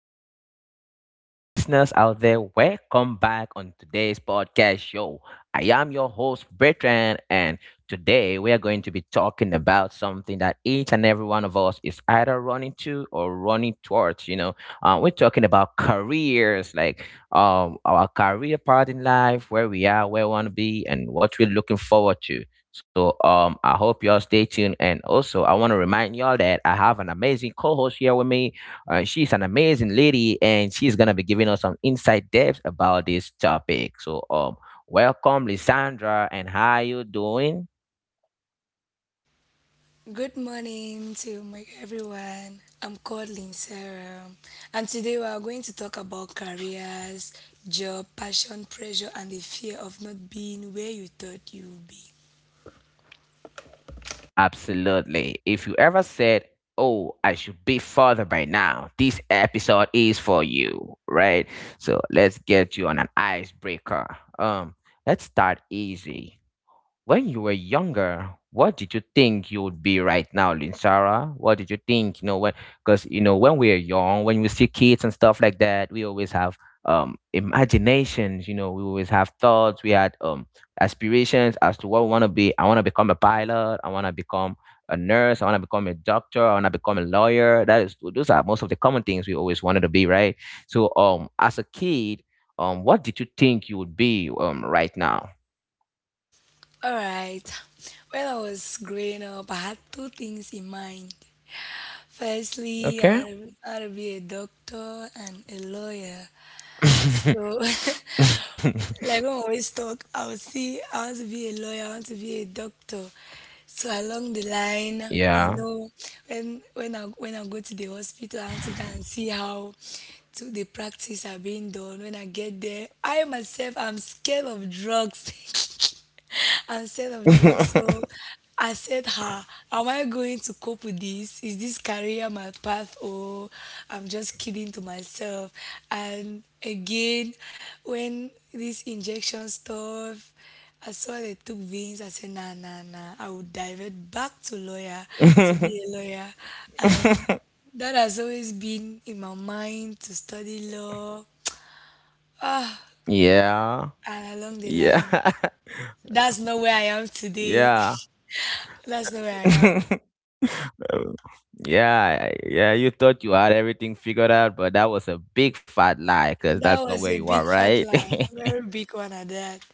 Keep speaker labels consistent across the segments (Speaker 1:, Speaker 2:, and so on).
Speaker 1: My people. Hello, listeners out there. Welcome back on today's podcast show. I am your host, Bertrand, and today we are going to be talking about something that each and every one of us is either running to or running towards. You know, we're talking about careers, like our career part in life, where we are, where we want to be, and what we're looking forward to. So I hope y'all stay tuned. And also, I want to remind y'all that I have an amazing co-host here with me. She's an amazing lady, and she's gonna be giving us some inside depth about this topic. So, welcome, Lisandra, and how you doing?
Speaker 2: Good morning to my everyone. I'm called Lynn Sarah, and today we are going to talk about careers, job, passion, pressure, and the fear of not being where you thought you would be.
Speaker 1: Absolutely. If you ever said, "Oh, I should be further by now," this episode is for you, right? So let's get you on an icebreaker. Um, let's start easy. When you were younger, what did you think you would be right now, Linsara? What did you think? You know, when because you know when we are young, when we see kids and stuff like that, we always have imaginations. You know, we always have thoughts. We had aspirations as to what we want to be. I want to become a pilot. I want to become a nurse. I want to become a doctor. I want to become a lawyer. That is, those are most of the common things we always wanted to be, right? So, as a kid, what did you think you would be, right now?
Speaker 2: All right. When I was growing up, I had two things in mind. Firstly,
Speaker 1: Okay.
Speaker 2: I want to be a doctor and a lawyer. So like when we always talk, I would say I want to be a lawyer, I want to be a doctor. So along the line,
Speaker 1: Yeah.
Speaker 2: when I go to the hospital, I want to go and see how to the practice are being done. When I get there, I myself am scared of drugs. instead of drugs. So I said, "Ha, am I going to cope with this? Is this career my path, or I'm just kidding to myself?" And again, when this injection stuff, I saw they took veins. I said, "Nah, nah, nah. I would divert back to lawyer to be a lawyer," and that has always been in my mind to study law. Ah,
Speaker 1: Yeah.
Speaker 2: and along the
Speaker 1: Yeah.
Speaker 2: line, that's not where I am today.
Speaker 1: Yeah.
Speaker 2: That's not where I am.
Speaker 1: Um, yeah, yeah, you thought you had everything figured out, but that was a big fat lie because
Speaker 2: That
Speaker 1: that's not
Speaker 2: was
Speaker 1: where
Speaker 2: a
Speaker 1: you are,
Speaker 2: big fat
Speaker 1: right?
Speaker 2: lie. Very big one at that.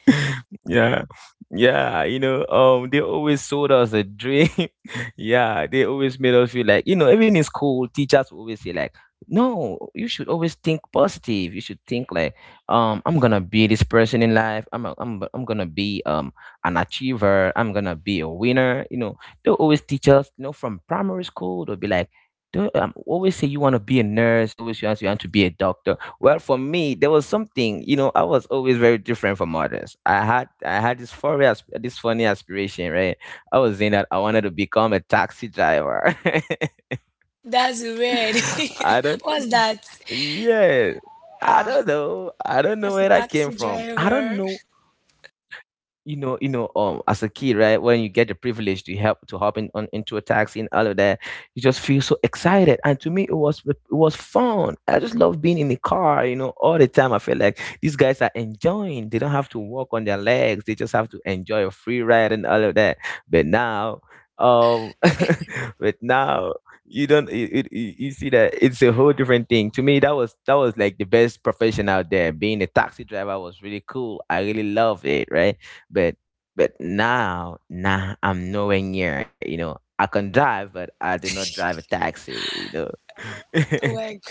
Speaker 1: Yeah, yeah, you know, they always sold us a dream. Yeah, they always made us feel like, you know, even in school, teachers will always say like, no, you should always think positive. You should think like, I'm gonna be this person in life. I'm a, I'm I'm gonna be an achiever. I'm gonna be a winner. You know, they'll always teach us, you know, from primary school, they'll be like, don't always say you want to be a nurse. Always you want to be a doctor. Well, for me, there was something, you know, I was always very different from others. I had this this funny aspiration, right? I was saying that I wanted to become a taxi driver.
Speaker 2: That's weird.
Speaker 1: I don't
Speaker 2: What's that?
Speaker 1: Yeah. I
Speaker 2: Ah,
Speaker 1: don't know. I don't know
Speaker 2: as a
Speaker 1: where that came
Speaker 2: taxi
Speaker 1: from. I don't
Speaker 2: driver.
Speaker 1: know. You know, as a kid, right, when you get the privilege to help to hop in on into a taxi and all of that, you just feel so excited. And to me, it was fun. I just love being in the car, you know, all the time. I feel like these guys are enjoying. They don't have to walk on their legs. They just have to enjoy a free ride and all of that. But now, um but now, you don't you, you, you you see that it's a whole different thing. To me, that was like the best profession out there. Being a taxi driver was really cool. I really love it, right? but but now, nah, I'm nowhere near. You know, I can drive, but I do not drive a taxi. You know,
Speaker 2: Work.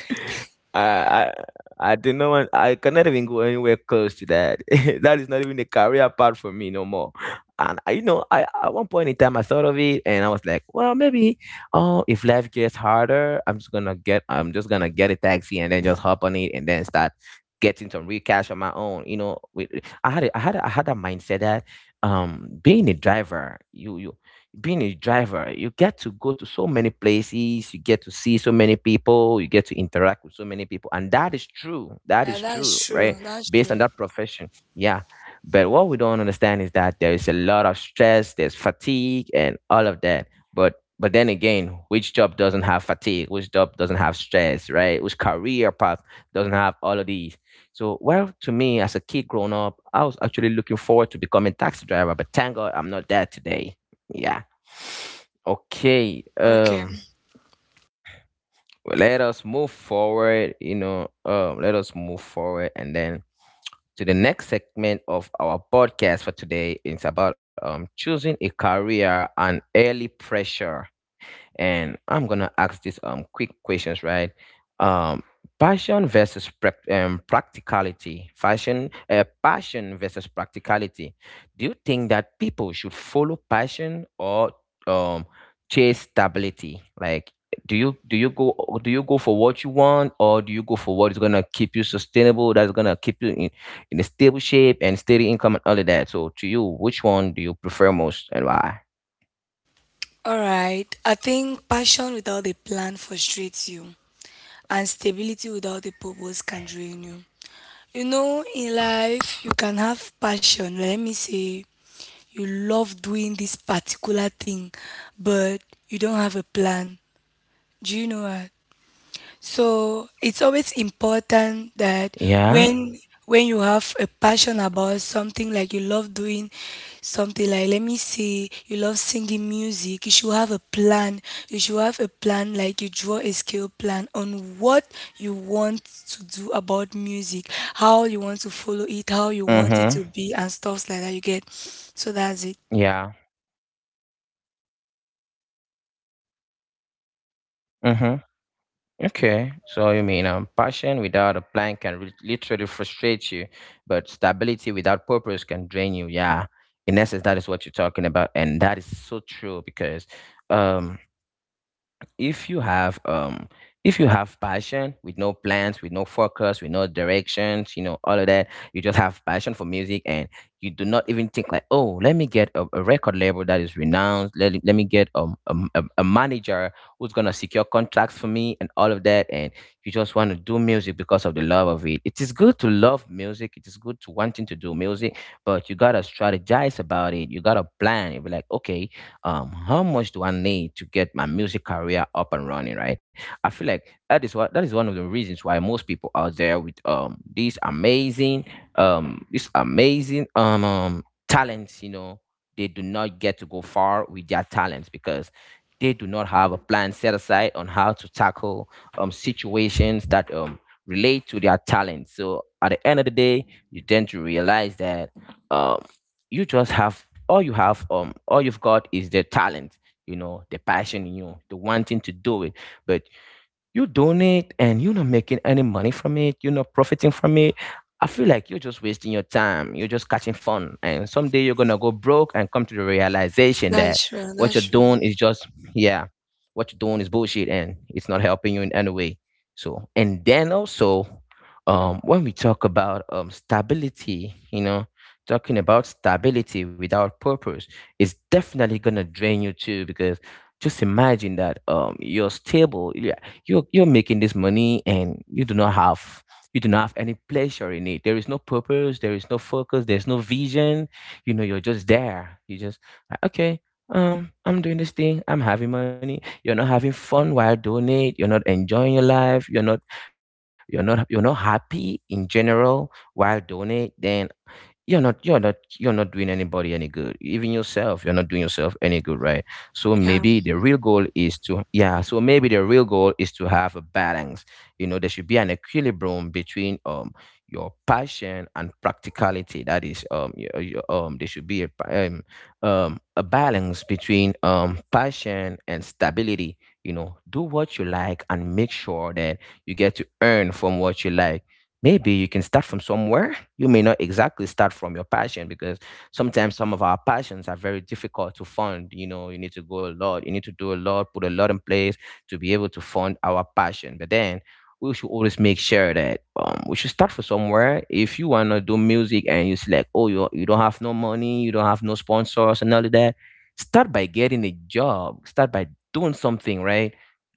Speaker 1: I I I do not want. I cannot even go anywhere close to that. That is not even a career path for me no more. And I, you know, I at one point in time I thought of it, and I was like, well, maybe, oh, if life gets harder, I'm just gonna get a taxi and then just hop on it and then start getting some real cash on my own. You know, with I had a mindset. Being a driver, you being a driver you get to go to so many places, you get to see so many people, you get to interact with so many people. And that is true, that
Speaker 2: Yeah,
Speaker 1: is true
Speaker 2: that's true.
Speaker 1: right?
Speaker 2: That's
Speaker 1: Based on
Speaker 2: true.
Speaker 1: that profession. Yeah. But what we don't understand is that there is a lot of stress, there's fatigue and all of that. But then again, which job doesn't have fatigue? Which job doesn't have stress, right? Which career path doesn't have all of these? So, well, to me, as a kid growing up, I was actually looking forward to becoming taxi driver, but thank God I'm not there today. Yeah. Okay.
Speaker 2: Okay.
Speaker 1: Well, let us move forward, you know, let us move forward and then to the next segment of our podcast for today. It's about choosing a career and early pressure. And I'm gonna ask this quick questions, right? Um, practicality. Passion versus practicality. Do you think that people should follow passion or um chase stability? Like, do you do you go do you go for what you want, or do you go for what is gonna keep you sustainable? That's gonna keep you in a stable shape and steady income and all of that. So, to you, which one do you prefer most and why?
Speaker 2: All right. I think passion without a plan frustrates you, and stability without a purpose can drain you. You know, in life, you can have passion. Let me say, you love doing this particular thing, but you don't have a plan. Do you know what? So it's always important that
Speaker 1: Yeah.
Speaker 2: when when you have a passion about something, like you love doing something. Like let me say you love singing music, you should have a plan. You should have a plan, like you draw a skill plan on what you want to do about music,
Speaker 1: Mm-hmm.
Speaker 2: how you want to follow it, how you want it to be, and stuff like that.
Speaker 1: Yeah.
Speaker 2: You get? So that's it.
Speaker 1: Mm-hmm. Okay. So you mean passion without a plan can literally frustrate you, but stability without purpose can drain you. Yeah. In essence, that is what you're talking about, and that is so true. Because, um, if you have um if you have passion with no plans, with no focus, with no directions, you know, all of that, you just have passion for music, and you do not even think like, oh, let me get a record label that is renowned. Let me get a manager who's gonna secure contracts for me and all of that. And you just want to do music because of the love of it. It is good to love music. It is good to wanting to do music. But you gotta strategize about it. You gotta plan. You be like, okay, how much do I need to get my music career up and running, right? I feel like that is what that is one of the reasons why most people out there with these amazing this amazing talents, you know, they do not get to go far with their talents because they do not have a plan set aside on how to tackle situations that relate to their talent. So at the end of the day, you tend to realize that um you have all you've got is the talent, you know, the passion in you, the wanting to do it. But you donate, and you're not making any money from it, you're not profiting from it. I feel like you're just wasting your time. You're just catching fun. And someday you're gonna go broke and come to the realization that
Speaker 2: That's true,
Speaker 1: what
Speaker 2: that's
Speaker 1: you're
Speaker 2: true.
Speaker 1: doing is just yeah, what you're doing is bullshit, and it's not helping you in any way. So, and then also when we talk about stability, you know, talking about stability without purpose is definitely gonna drain you too. Because just imagine that you're stable, you're making this money, and you do not have you do not have any pleasure in it. There is no purpose, there is no focus, there's no vision. You know, you're just there, you just like, okay, I'm doing this thing, I'm having money. You're not having fun while doing it. You're not enjoying your life. You're not happy in general while doing it. Then you're not you're not you're not doing anybody any good, even yourself. You're not doing yourself any good, right? So
Speaker 2: Yeah,
Speaker 1: maybe the real goal is to maybe the real goal is to have a balance. You know, there should be an equilibrium between your passion and practicality. That is there should be a a balance between passion and stability. You know, do what you like, and make sure that you get to earn from what you like. Maybe you can start from somewhere. You may not exactly start from your passion because sometimes some of our passions are very difficult to fund. You know, you need to go a lot, you need to do a lot, put a lot in place to be able to fund our passion. But then we should always make sure that we should start from somewhere. If you wanna do music and you select, oh, you don't have no money, you don't have no sponsors and all of that, start by getting a job. Start by doing something, right?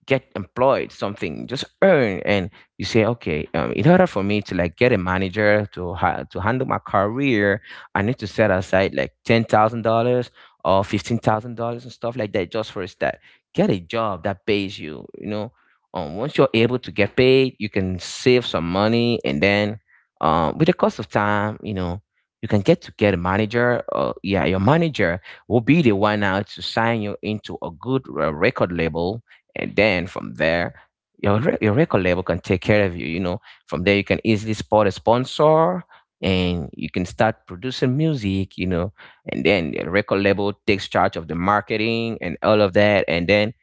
Speaker 1: Get employed, something. Just earn, and you say okay, in order for me to like get a manager to handle my career. I need to set aside like $10,000 or $15,000 and stuff like that just for a start. Get a job that pays you, you know once you're able to get paid you can save some money, and then, with the cost of time, you know, you can get to get a manager. Yeah, your manager will be the one now to sign you into a good record label, and then from there your record label can take care of you. You know, from there you can easily spot a sponsor and you can start producing music. You know, and then the record label takes charge of the marketing and all of that, and then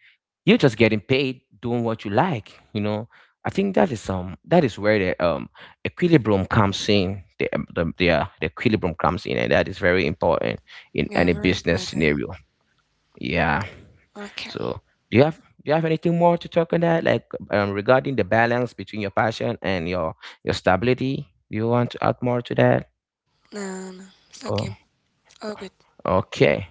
Speaker 1: you're just getting paid doing what you like. You know, I think that is where the equilibrium comes in. The equilibrium comes in, and that is very important in
Speaker 2: yeah,
Speaker 1: any
Speaker 2: very
Speaker 1: business
Speaker 2: important.
Speaker 1: scenario. Yeah.
Speaker 2: Okay.
Speaker 1: So, do you have do you have anything more to talk on that, like, regarding the balance between your passion and your stability? Do you want to add more to that?
Speaker 2: No, no, no. It's
Speaker 1: Or
Speaker 2: okay. All good.
Speaker 1: okay.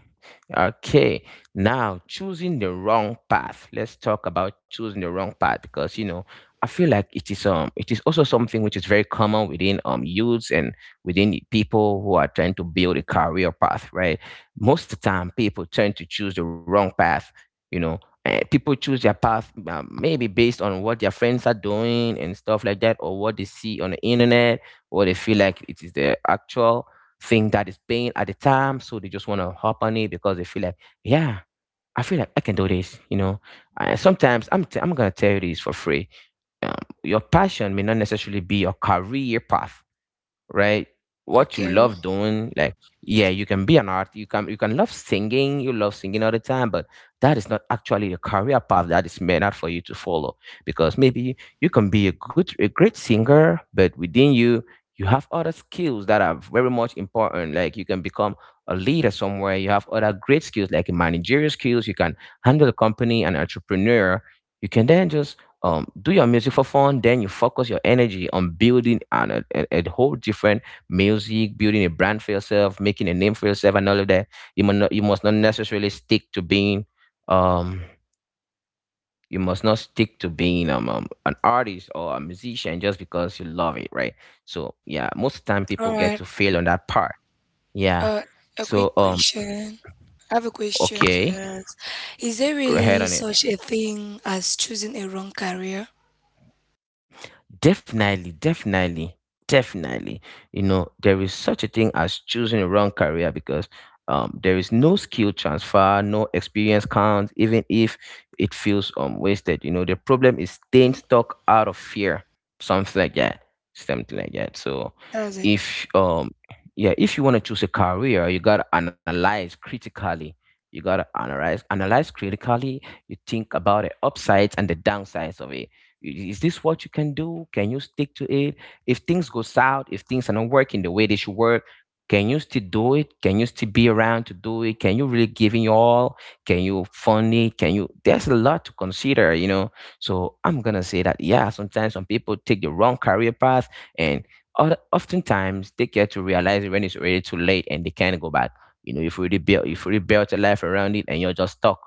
Speaker 1: Okay. Now, choosing the wrong path. Let's talk about choosing the wrong path because, you know, I feel like it is also something which is very common within youths and within the people who are trying to build a career path, right? Most of the time people tend to choose the wrong path, you know. People choose their path, maybe based on what their friends are doing and stuff like that, or what they see on the internet, or they feel like it is the actual thing that is paying at the time. So they just want to hop on it because they feel like, yeah, I feel like I can do this, you know. And sometimes I'm going to tell you this for free. Um, your passion may not necessarily be your career path, right? What you
Speaker 2: Okay,
Speaker 1: love doing, like, yeah, you can be an art, you can love singing, you love singing all the time, but that is not actually a career path that is meant out for you to follow. Because maybe you can be a great singer, but within you you have other skills that are very much important. Like you can become a leader somewhere. You have other great skills like managerial skills. You can handle a company, an entrepreneur. You can then just, do your music for fun, then you focus your energy on building an, a whole different music, building a brand for yourself, making a name for yourself, and all of that. You must not necessarily stick to being, um, you must not stick to being an artist or a musician just because you love it, right? So yeah, most of the time people
Speaker 2: all
Speaker 1: get
Speaker 2: right.
Speaker 1: to fail on that part. Yeah.
Speaker 2: Uh, a
Speaker 1: So
Speaker 2: quick question. I have a question to
Speaker 1: okay,
Speaker 2: ask. Is there
Speaker 1: go ahead
Speaker 2: really
Speaker 1: on it.
Speaker 2: such a thing as choosing a wrong career?
Speaker 1: Definitely, definitely, definitely. You know, there is such a thing as choosing a wrong career because, there is no skill transfer, no experience count, even if it feels wasted. You know, the problem is
Speaker 2: Yep.
Speaker 1: staying stuck out of fear, something like that, something like that. So,
Speaker 2: That's it.
Speaker 1: if yeah, if you want to choose a career, you gotta analyze critically. You gotta analyze critically. You think about the upsides and the downsides of it. Is this what you can do? Can you stick to it? If things go south, if things are not working the way they should work, can you still do it? Can you still be around to do it? Can you really give in your all? Can you fund it? Can you? There's a lot to consider, you know. So I'm gonna say that yeah, sometimes some people take the wrong career path, and oftentimes they get to realize it when it's already too late, and they can't go back. You know, if you really built a life around it, and you're just stuck.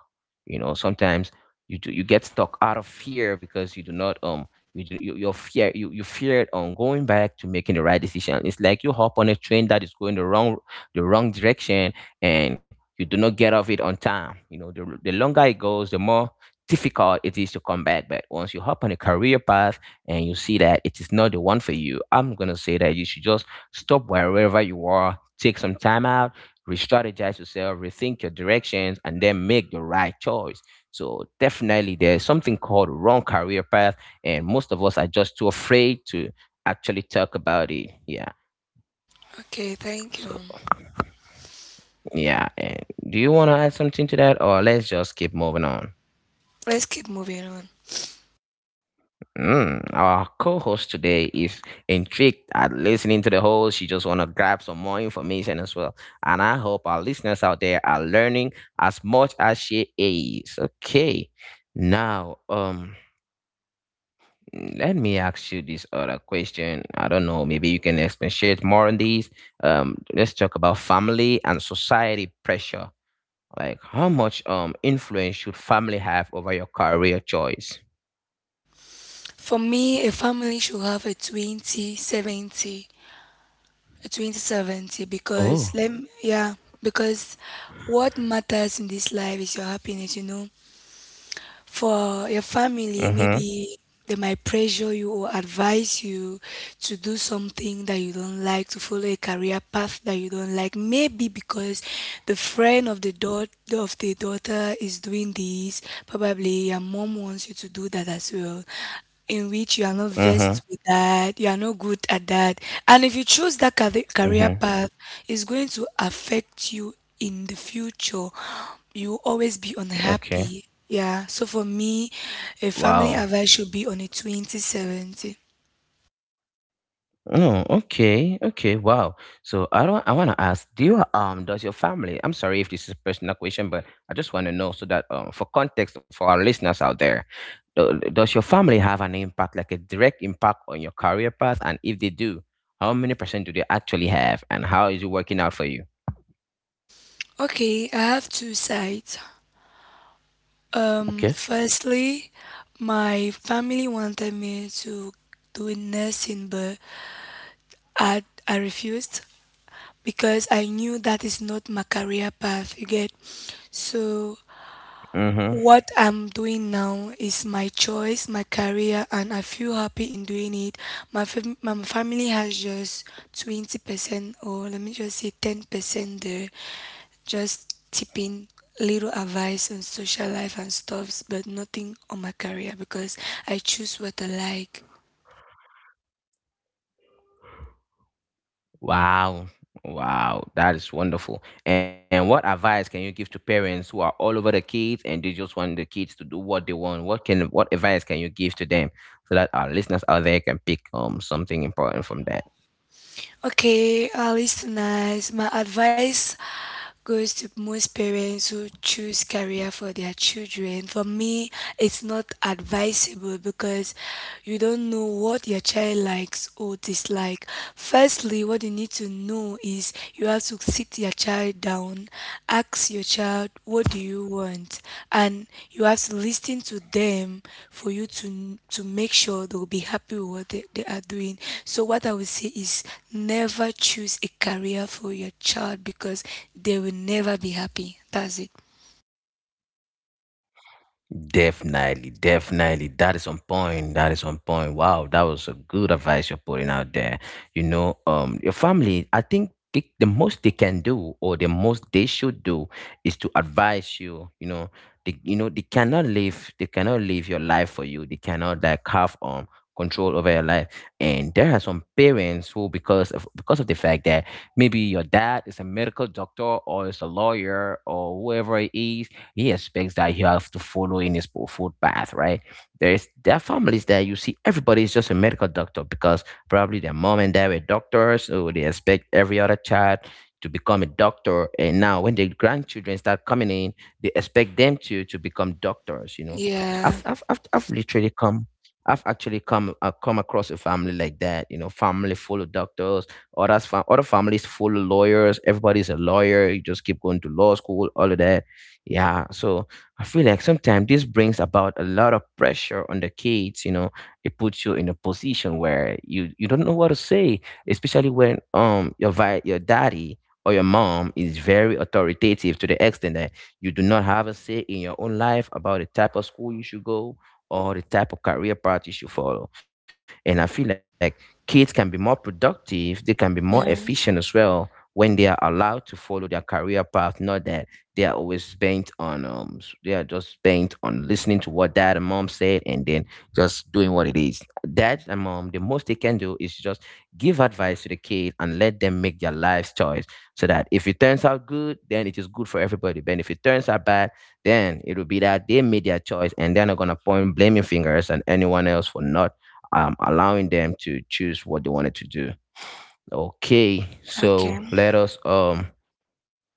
Speaker 1: You know, sometimes you get stuck out of fear because you do not you feared on going back to making the right decision. It's like you hop on a train that is going the wrong direction, and you do not get off it on time. You know, the longer it goes, the more difficult it is to come back. But once you hop on a career path and you see that it is not the one for you, I'm going to say that you should just stop wherever you are, take some time out, re-strategize yourself, rethink your directions, and then make the right choice. So definitely there's something called wrong career path, and most of us are just too afraid to actually talk about it. Yeah.
Speaker 2: Okay, thank you.
Speaker 1: So yeah. And do you want to add something to that, or let's just keep moving on?
Speaker 2: Let's keep moving on.
Speaker 1: Mm, our co-host today is intrigued at listening to the whole. She just want to grab some more information as well, and I hope our listeners out there are learning as much as she is. Okay, now Let me ask you this other question. I don't know. Maybe you can expatiate more on these. Let's talk about family and society pressure. Like, how much influence should family have over your career choice?
Speaker 2: For me, a family should have a 20/70, a 20/70,
Speaker 1: Oh.
Speaker 2: because let yeah, because what matters in this life is your happiness, For your family,
Speaker 1: Mm-hmm.
Speaker 2: maybe they might pressure you or advise you to do something that you don't like, to follow a career path that you don't like. Maybe because the friend of the daughter is doing this, probably your mom wants you to do that as well. In which you are not
Speaker 1: Mm-hmm.
Speaker 2: versed with that, you are not good at that, and if you choose that career
Speaker 1: Mm-hmm.
Speaker 2: path, it's going to affect you in the future. You will always be
Speaker 1: Okay.
Speaker 2: unhappy. Yeah. So for me, a family
Speaker 1: Wow.
Speaker 2: advice should be on a 20/70.
Speaker 1: Oh, okay, okay, wow. So I don't, I want to ask, do you, does your family, I'm sorry if this is a personal question, but I just want to know so that, for context for our listeners out there, does your family have an impact, like a direct impact on your career path? And if they do, how many percent do they actually have, and how is it working out for you?
Speaker 2: Okay, I have two sides.
Speaker 1: Okay.
Speaker 2: Firstly, my family wanted me to do nursing, but I refused because I knew that is not my career path. You get? So
Speaker 1: Mm-hmm.
Speaker 2: what I'm doing now is my choice, my career, and I feel happy in doing it. My family has just 20% or let me just say 10% there, just tipping little advice on social life and stuffs, but nothing on my career because I choose what I like.
Speaker 1: Wow. Wow. That is wonderful. And what advice can you give to parents who are all over the kids and they just want the kids to do what they want? What advice can you give to them so that our listeners out there can pick something important from that?
Speaker 2: Okay, listeners, my advice goes to most parents who choose career for their children. For me, it's not advisable because you don't know what your child likes or dislike. Firstly, what you need to know is you have to sit your child down, ask your child, what do you want? And you have to listen to them for you to make sure they'll be happy with what they are doing. So what I would say is never choose a career for your child because they will never be happy. That's it.
Speaker 1: Definitely, definitely. That is on point. That is on point. Wow, that was a good advice you're putting out there. You know, your family, I think the most they can do or the most they should do is to advise you, you know, they cannot live your life for you. They cannot like have control over your life. And there are some parents who because of the fact that maybe your dad is a medical doctor or is a lawyer or whoever it is, he expects that you have to follow in his footpath, right? There are families that you see everybody is just a medical doctor because probably their mom and dad were doctors, so they expect every other child to become a doctor. And now when the grandchildren start coming in, they expect them to become doctors, you know. So
Speaker 2: Yeah.
Speaker 1: I've literally come I've actually come come across a family like that, you know, family full of doctors, other families full of lawyers. Everybody's a lawyer. You just keep going to law school, all of that, yeah, so I feel like sometimes this brings about a lot of pressure on the kids, you know. It puts you in a position where you don't know what to say, especially when your daddy or your mom is very authoritative to the extent that you do not have a say in your own life about the type of school you should go or the type of career path you should follow. And I feel like kids can be more productive, they can be more efficient
Speaker 2: Yeah.
Speaker 1: as well when they are allowed to follow their career path, not that they are always bent on they are just bent on listening to what dad and mom said and then just doing what it is. Dad and mom, the most they can do is just give advice to the kids and let them make their life's choice. So that if it turns out good, then it is good for everybody. But if it turns out bad, then it will be that they made their choice and they're not gonna point blaming fingers and anyone else for not allowing them to choose what they wanted to do. Okay,
Speaker 2: Okay.
Speaker 1: so let us um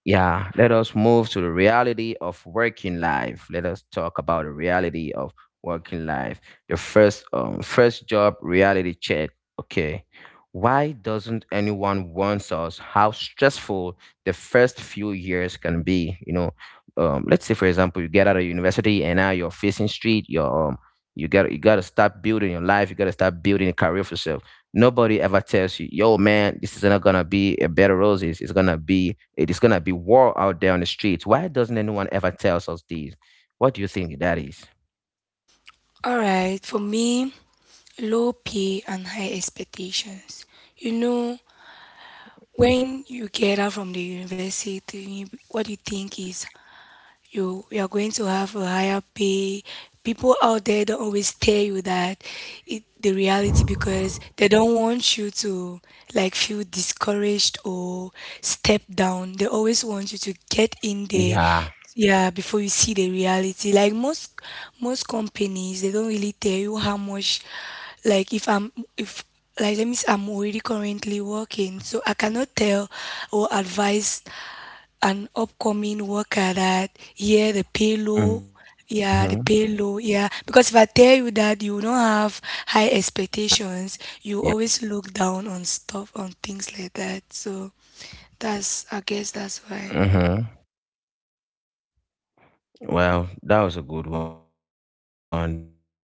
Speaker 1: yeah, let us move to the reality of working life. Let us talk about the reality of working life. The first job reality check. Okay. Why doesn't anyone warns us how stressful the first few years can be? You know, let's say for example, you get out of university and now you're facing street, you gotta start building your life, you gotta start building a career for yourself. Nobody ever tells you, yo man, this is not gonna be a bed of roses, it is gonna be war out there on the streets. Why doesn't anyone ever tells us this? What do you think that is?
Speaker 2: All right. For me, low pay and high expectations. You know, when you get out from the university, what you think is you are going to have a higher pay. People out there don't always tell you that it, the reality, because they don't want you to like feel discouraged or step down. They always want you to get in there,
Speaker 1: Yeah.
Speaker 2: yeah, before you see the reality. Like most companies, they don't really tell you how much. Like if I'm if like let me say I'm already currently working, so I cannot tell or advise an upcoming worker
Speaker 1: Mm-hmm.
Speaker 2: that yeah the payload yeah the payload yeah, because if I tell you
Speaker 1: Yeah.
Speaker 2: that you don't have high
Speaker 1: Yeah.
Speaker 2: expectations, you always look down on stuff on things like that, so that's I guess that's why
Speaker 1: Mm-hmm. Well, that was a good one. That was a good one, and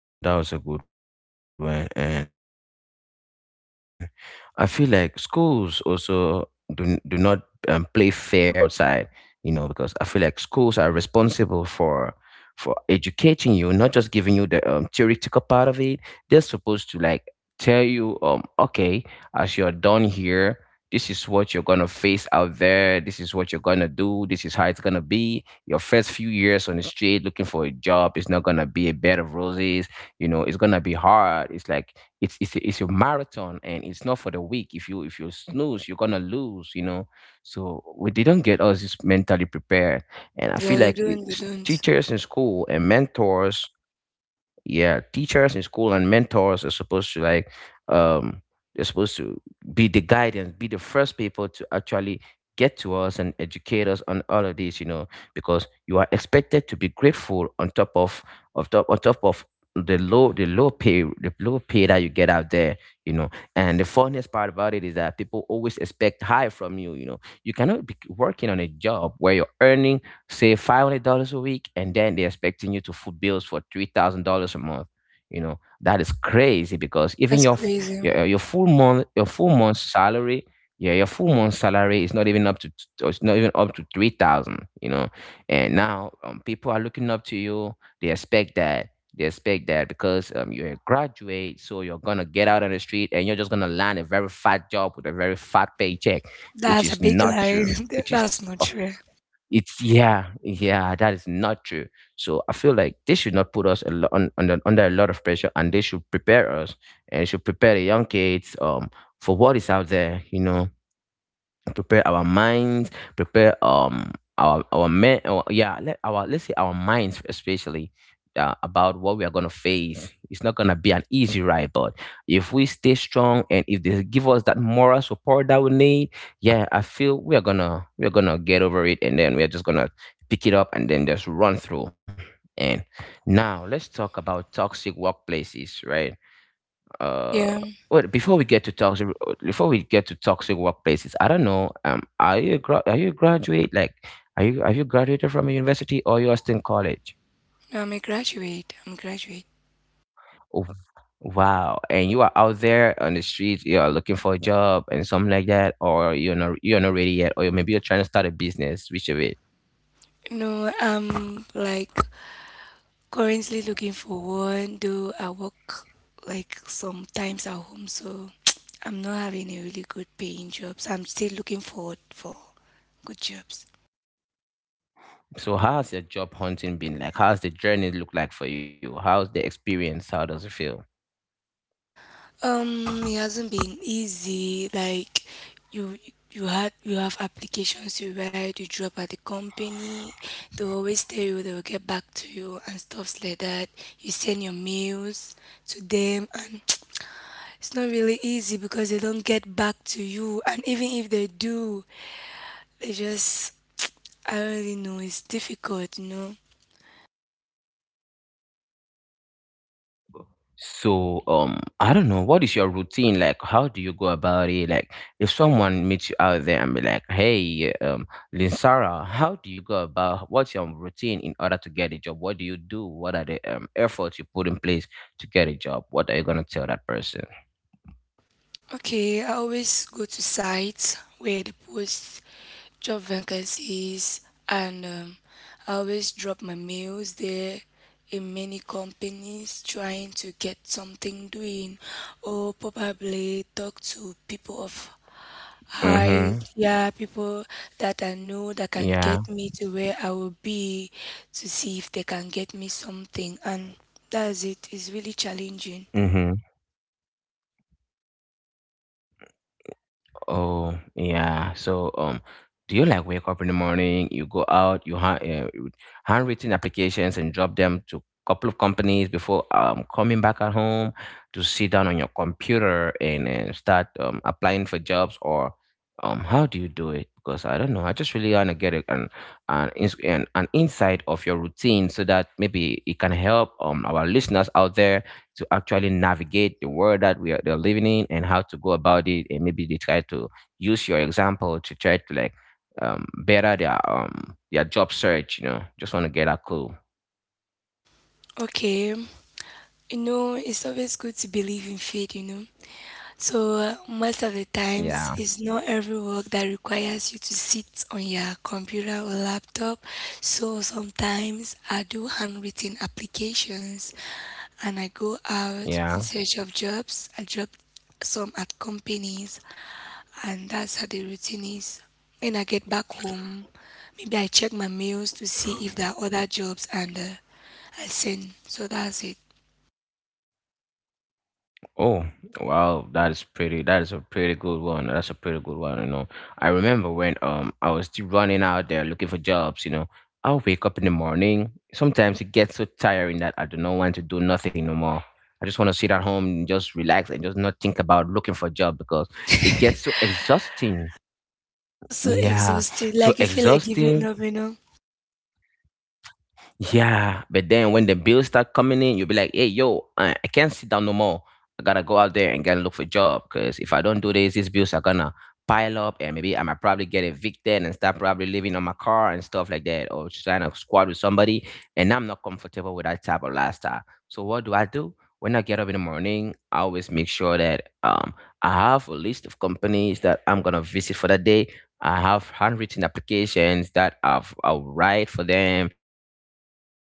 Speaker 1: I feel like schools also do not play fair on preparing students for the world outside. You know, because I feel like schools are responsible for educating you, not just giving you the theoretical part of it. They're supposed to like tell you, okay, as you're done here. This is what you're gonna face out there. This is what you're gonna do. This is how it's gonna be. Your first few years on the street looking for a job is not gonna be a bed of roses. You know, it's gonna be hard. It's like it's a marathon, and it's not for the weak. If you snooze, you're gonna lose. You know, so we didn't get us just mentally prepared, and I
Speaker 2: yeah
Speaker 1: feel
Speaker 2: they
Speaker 1: like
Speaker 2: don't they don't
Speaker 1: teachers in school and mentors are supposed to like um they're supposed to be the guidance, be the first people to actually get to us and educate us on all of this, you know, because you are expected to be grateful on top of the low pay that you get out there, you know. And the funniest part about it is that people always expect high from you you know You cannot be working on a job where you're earning save $500 a week, and then they're expecting you to foot bills for $3,000 a month. You know that is crazy, because even
Speaker 2: that's
Speaker 1: your f-
Speaker 2: crazy.
Speaker 1: your, uh, your full month your full month salary, yeah your full month salary is not even up to 3,000. You know, and now people are looking up to you. They expect that they expect that because you're a graduate, so you're gonna get out on the street and you're just gonna land a very fat job with a very fat paycheck, which
Speaker 2: That's a
Speaker 1: is
Speaker 2: big
Speaker 1: not
Speaker 2: lie.
Speaker 1: true. Which
Speaker 2: That's
Speaker 1: is
Speaker 2: not
Speaker 1: so
Speaker 2: true.
Speaker 1: it's yeah, yeah, that is not true. So I feel like they should not put us a lot under a lot of pressure, and they should prepare us and should prepare the young kids for what is out there. You know, prepare our minds, prepare our men or yeah let our let's say our minds especially, about what we are going to face. It's not going to be an easy ride, but if we stay strong and if they give us that moral support that we need, yeah, I feel we are going to get over it, and then we are just going to pick it up and then just run through. And now let's talk about toxic workplaces, right? uh
Speaker 2: Yeah.
Speaker 1: well, before we get to toxic workplaces. I don't know, are you a gra- are you a graduate, like, are you have you graduated from a university, or you are still in college?
Speaker 2: No, I'm a graduate,
Speaker 1: Oh, wow, and you are out there on the streets, you are looking for a job and something like that, or you're not ready yet, or maybe you're trying to start a business, which of it?
Speaker 2: no, I'm like currently looking for one, though I work like sometimes at home, so I'm not having a really good paying job. So I'm still looking forward for good jobs.
Speaker 1: So how's your job hunting been, like how's the journey look like for you, how's the experience, how does it feel?
Speaker 2: It hasn't been easy. Like you, you had you have applications you write, you drop at the company. They always tell you they will get back to you and stuffs like that. You send your mails to them, and it's not really easy because they don't get back to you. And even if they do, I just, I already know it's difficult, you know.
Speaker 1: So, I don't know, what is your routine like? How do you go about it? Like, if someone meets you out there and be like, "Hey, Linsara, how do you go about? What's your routine in order to get a job? What do you do? What are the efforts you put in place to get a job?" What are you gonna tell that person?
Speaker 2: Okay, I always go to sites where they post job vacancies, and I always drop my mails there in many companies trying to get something doing, or probably talk to people of high,
Speaker 1: Mm-hmm.
Speaker 2: yeah, people that I know that can
Speaker 1: Yeah.
Speaker 2: get me to where I will be, to see if they can get me something, and that's it. It's really challenging.
Speaker 1: Mm-hmm. Oh, yeah. So, do you like wake up in the morning, you go out, you handwritten applications and drop them to couple of companies before coming back at home to sit down on your computer and, start applying for jobs, or how do you do it? Because I don't know, I just really want to get an insight of your routine so that maybe it can help our listeners out there to actually navigate the world that we are they're living in and how to go about it, and maybe they try to use your example to try to like better their job search. Just want to get that cool.
Speaker 2: Okay. You know, it's always good to believe in faith, you know. So, most of the times,
Speaker 1: Yeah,
Speaker 2: it's not every work that requires you to sit on your computer or laptop. So, sometimes I do handwritten applications and I go out in
Speaker 1: yeah.
Speaker 2: search of jobs. I drop some at companies, and that's how the routine is. When I get back home, maybe I check my mails to see if there are other jobs and I send. So, that's
Speaker 1: Oh, wow, that is a pretty good one. That's a pretty good one, you know. I remember when I was still running out there looking for jobs, you know. I'll wake up in the morning. Sometimes it gets so tiring that I do not want to do nothing no more. I just want to sit at home and just relax and just not think about looking for a job because it
Speaker 2: it.
Speaker 1: gets so exhausting.
Speaker 2: So so
Speaker 1: Yeah.
Speaker 2: exhausted.
Speaker 1: So
Speaker 2: Like you feel like giving
Speaker 1: exhausting.
Speaker 2: up, you know.
Speaker 1: Yeah, but then when the bills start coming in, you'll be like, "Hey, yo, I can't sit down no more. I gotta go out there and gotta look for a job. Cause if I don't do this, these bills are gonna pile up, and maybe I might probably get evicted and start probably living on my car and stuff like that, or just trying to squat with somebody. And I'm not comfortable with that type of lifestyle. So what do I do? When I get up in the morning, I always make sure that I have a list of companies that I'm gonna visit for that day. I have handwritten applications that I'll write for them and address each of the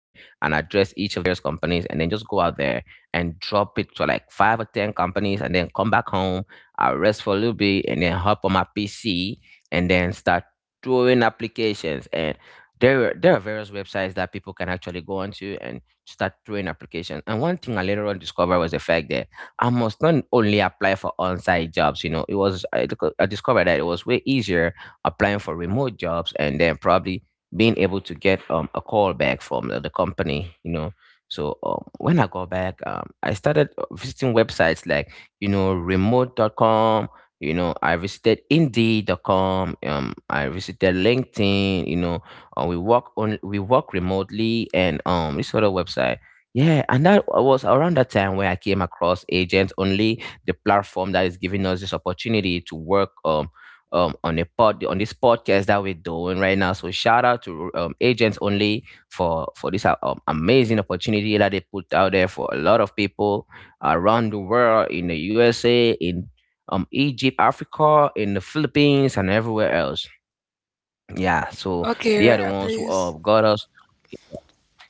Speaker 1: various companies, and then just go out there and drop it to like five or ten companies, and then come back home. I rest for a little bit, and then hop on my PC, and then start throwing applications. And there are various websites that people can actually go onto and start throwing applications. And one thing I later on discovered was the fact that I must not only apply for on-site jobs. You know, I discovered that it was way easier applying for remote jobs, and then probably being able to get a call back from the company, you know. So, when I got back, I started, visiting websites like, remote.com. I visited indeed.com, I visited LinkedIn. We work remotely, and this other website. Yeah, and that was around that time where I came across Agents Only, the platform that is giving us this opportunity to work, on this podcast that we're doing right now. So shout out to Agents Only for this, amazing opportunity that they put out there for a lot of people around the world in the USA, in, Egypt, Africa, in the Philippines, and everywhere else. Yeah, so they
Speaker 2: Okay,
Speaker 1: are the ones who,
Speaker 2: please.
Speaker 1: got us.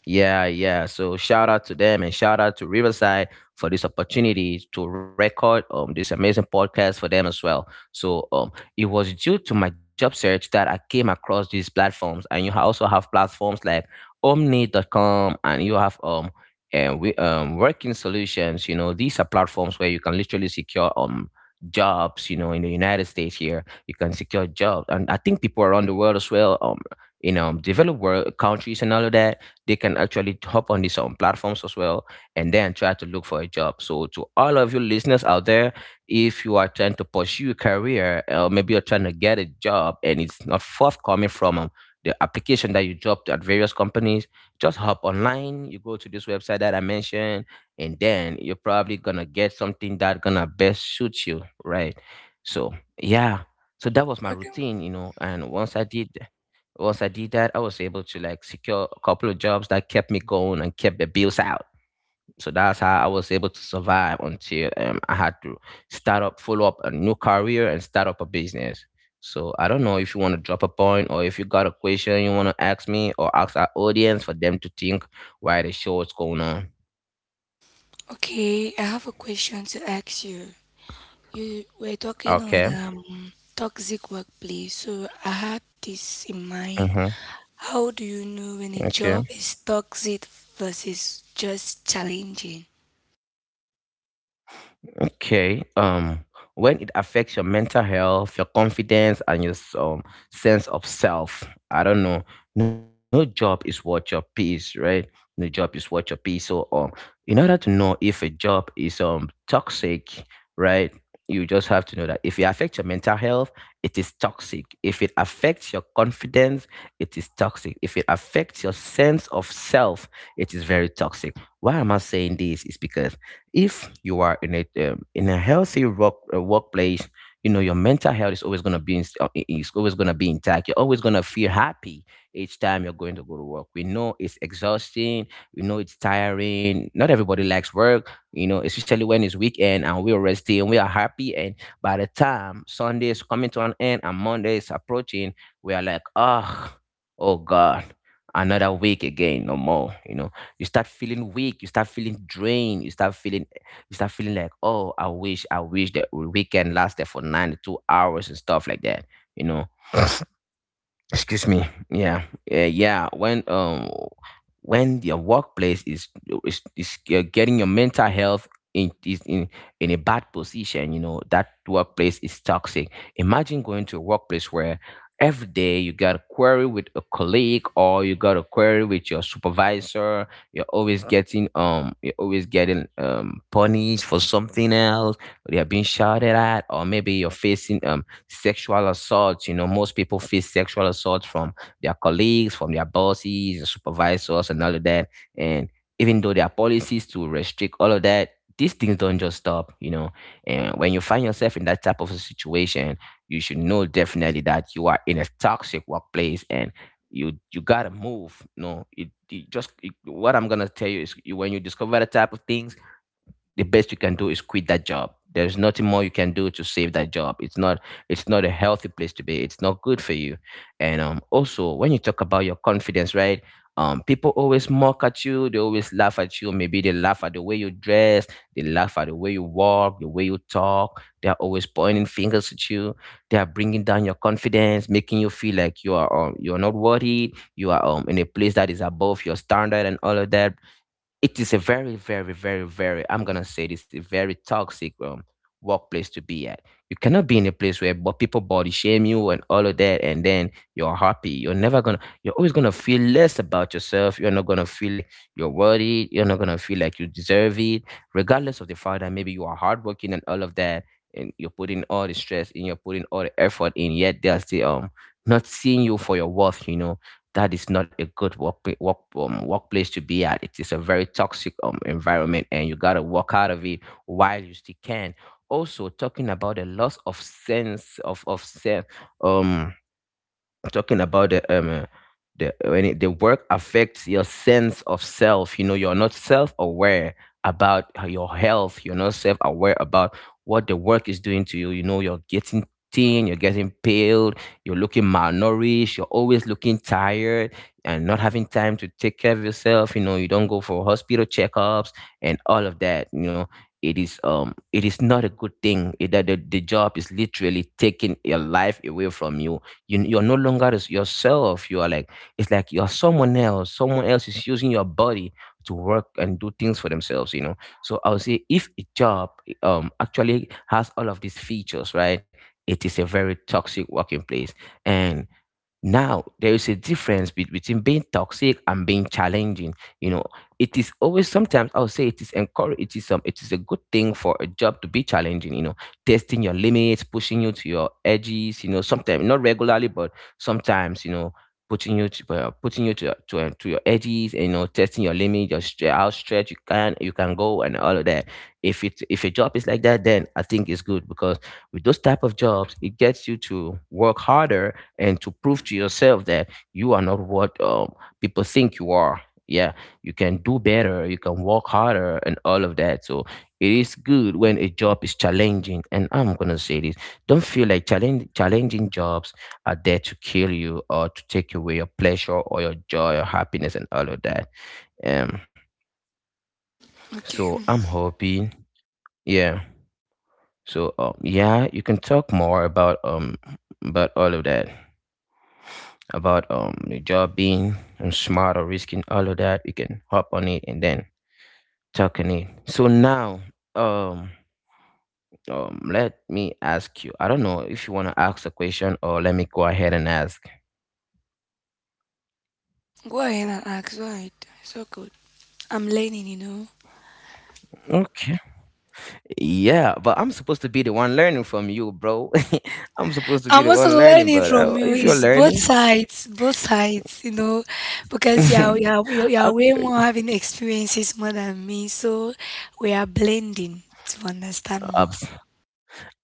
Speaker 1: Yeah, yeah. So shout out to them, and shout out to Riverside for this opportunity to record this amazing podcast for them as well. So it was due to my job search that I came across these platforms, and you also have platforms like Omni.com, and you have, and we, working solutions, these are platforms where you can literally secure jobs, in the United States here. You can secure jobs, and I think people around the world as well, in developed world countries and all of that, they can actually hop on these platforms as well, and then try to look for a job. So, to all of you listeners out there, if you are trying to pursue a career or maybe you're trying to get a job and it's not forthcoming from the application that you dropped at various companies, just hop online. You go to this website that I mentioned, and then you're probably gonna get something that gonna best suit you, right? So, yeah. So that was my
Speaker 2: Okay.
Speaker 1: routine, you know. And once I did that, I was able to like secure a couple of jobs that kept me going and kept the bills out. So that's how I was able to survive until I had to follow up a new career and start up a business. So I don't know if you want to drop a point or if you got a question you want to ask me or ask our audience for them to think why the show is going on.
Speaker 2: Okay, I have a question to ask you. You were talking on
Speaker 1: Okay.
Speaker 2: toxic workplace, so I had this in mind.
Speaker 1: Mm-hmm.
Speaker 2: How do you know when a
Speaker 1: Okay.
Speaker 2: job is toxic versus just challenging?
Speaker 1: Okay. When it affects your mental health, your confidence, and your sense of self, I don't know. No job is worth your peace, right? No job is worth your peace. So, in order to know if a job is toxic, right? You just have to know that if it affects your mental health, it is toxic. If it affects your confidence, it is toxic. If it affects your sense of self, it is very toxic. Why am I saying this? Is because if you are in a healthy workplace, you know your mental health is always going to be is always going to be intact. You're always going to feel happy each time you're going to go to work. We know it's exhausting, we know it's tiring. Not everybody likes work, you know, especially when it's weekend and we're resting and we are happy, and by the time Sunday is coming to an end and Monday is approaching, we are like, oh, oh god, another week again, no more, you know. You start feeling weak, you start feeling drained, you start feeling like, oh, I wish the weekend lasted for 92 hours and stuff like that, you know. Excuse me. Yeah. Yeah, yeah. When when your workplace is getting your mental health in is in a bad position, you know that workplace is toxic. Imagine going to a workplace where every day you got a query with a colleague or you got a query with your supervisor. You're always getting punished for something else or you're being shouted at, or maybe you're facing sexual assault. You know, most people face sexual assault from their colleagues, from their bosses, their supervisors, and all of that. And even though there are policies to restrict all of that, these things don't just stop, you know. And when you find yourself in that type of a situation, you should know definitely that you are in a toxic workplace, and you gotta move. No, what I'm gonna tell you is when you discover the type of things, the best you can do is quit that job. There's nothing more you can do to save that job. It's not, it's not a healthy place to be, it's not good for you. And also, when you talk about your confidence, right, people always mock at you, they always laugh at you, maybe they laugh at the way you dress, they laugh at the way you walk, the way you talk. They're always pointing fingers at you, they are bringing down your confidence, making you feel like you are you're not worthy, you are in a place that is above your standard and all of that. It is a very, very, very, very, I'm going to say this, a very toxic workplace to be at. You cannot be in a place where but people body shame you and all of that, and then you're happy. You're never going to, you're always going to feel less about yourself. You're not going to feel like you're worthy. You're not going to feel like you deserve it, regardless of the fact that maybe you are hardworking and all of that. And you're putting all the stress in, you're putting all the effort in, yet they're still not seeing you for your worth, you know. That is not a good work workplace to be at. It is a very toxic environment, and you gotta walk out of it while you still can. Also, talking about the loss of sense of sense. um Talking about the when it, the work affects your sense of self, you know you're not self-aware about your health, you're not self-aware about what the work is doing to you. You know, you're getting thin, you're getting pale, you're looking malnourished, you're always looking tired, and not having time to take care of yourself. You know, you don't go for hospital checkups and all of that. You know, it is not a good thing. That the job is literally taking your life away from you. You're no longer yourself. You are like, it's like you're someone else, someone else is using your body to work and do things for themselves, you know. So I would say if a job actually has all of these features, right, it is a very toxic working place. And now, there is a difference between being toxic and being challenging. You know, it is always, sometimes I'll say it is encourage it is a good thing for a job to be challenging, you know, testing your limits, pushing you to your edges, you know, sometimes not regularly, but sometimes, you know, putting you to to your edges, and you know, testing your limit, your how stretch you can go and all of that. If a job is like that, then I think it's good because with those type of jobs, it gets you to work harder and to prove to yourself that you are not what people think you are. Yeah, you can do better, you can work harder, and all of that. So it is good when a job is challenging. And I'm gonna say this: don't feel like challenging jobs are there to kill you or to take away your pleasure or your joy or happiness and all of that. Um,
Speaker 2: Okay,
Speaker 1: so I'm hoping, yeah. So yeah, you can talk more about all of that. About the job being and smart or risking all of that. We can hop on it and then talk on it. So now um let me ask you, I don't know if you want to ask a question or let me go ahead and ask.
Speaker 2: go ahead and ask. Right. So good. I'm learning, you know.
Speaker 1: Okay. Yeah, but I'm supposed to be the one learning from you, bro. I'm supposed to be
Speaker 2: I'm
Speaker 1: the
Speaker 2: also
Speaker 1: one learning,
Speaker 2: learning
Speaker 1: but
Speaker 2: from you.
Speaker 1: if you're
Speaker 2: It's
Speaker 1: learning.
Speaker 2: both sides, you know, because you're you're you're you're way
Speaker 1: Okay.
Speaker 2: more having experiences more than me. So we are blending to understand more.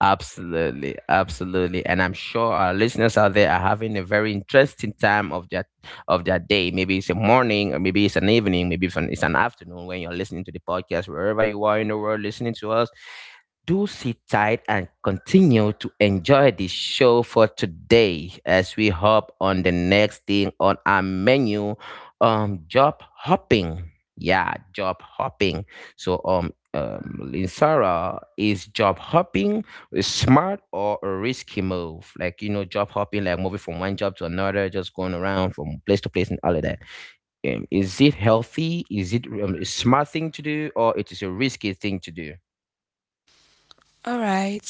Speaker 1: Absolutely, absolutely, and I'm sure our listeners out there are having a very interesting time of their day. Maybe it's a morning, or maybe it's an evening, maybe it's an afternoon when you're listening to the podcast, wherever you are in the world listening to us. Do sit tight and continue to enjoy the show for today as we hop on the next thing on our menu, job hopping. Yeah, job hopping. So Linsara, is job hopping a smart or a risky move, like you know, job hopping, like moving from one job to another, just going around from place to place and all of that. Is it healthy? Is it a smart thing to do, or it is a risky thing to do?
Speaker 2: All right.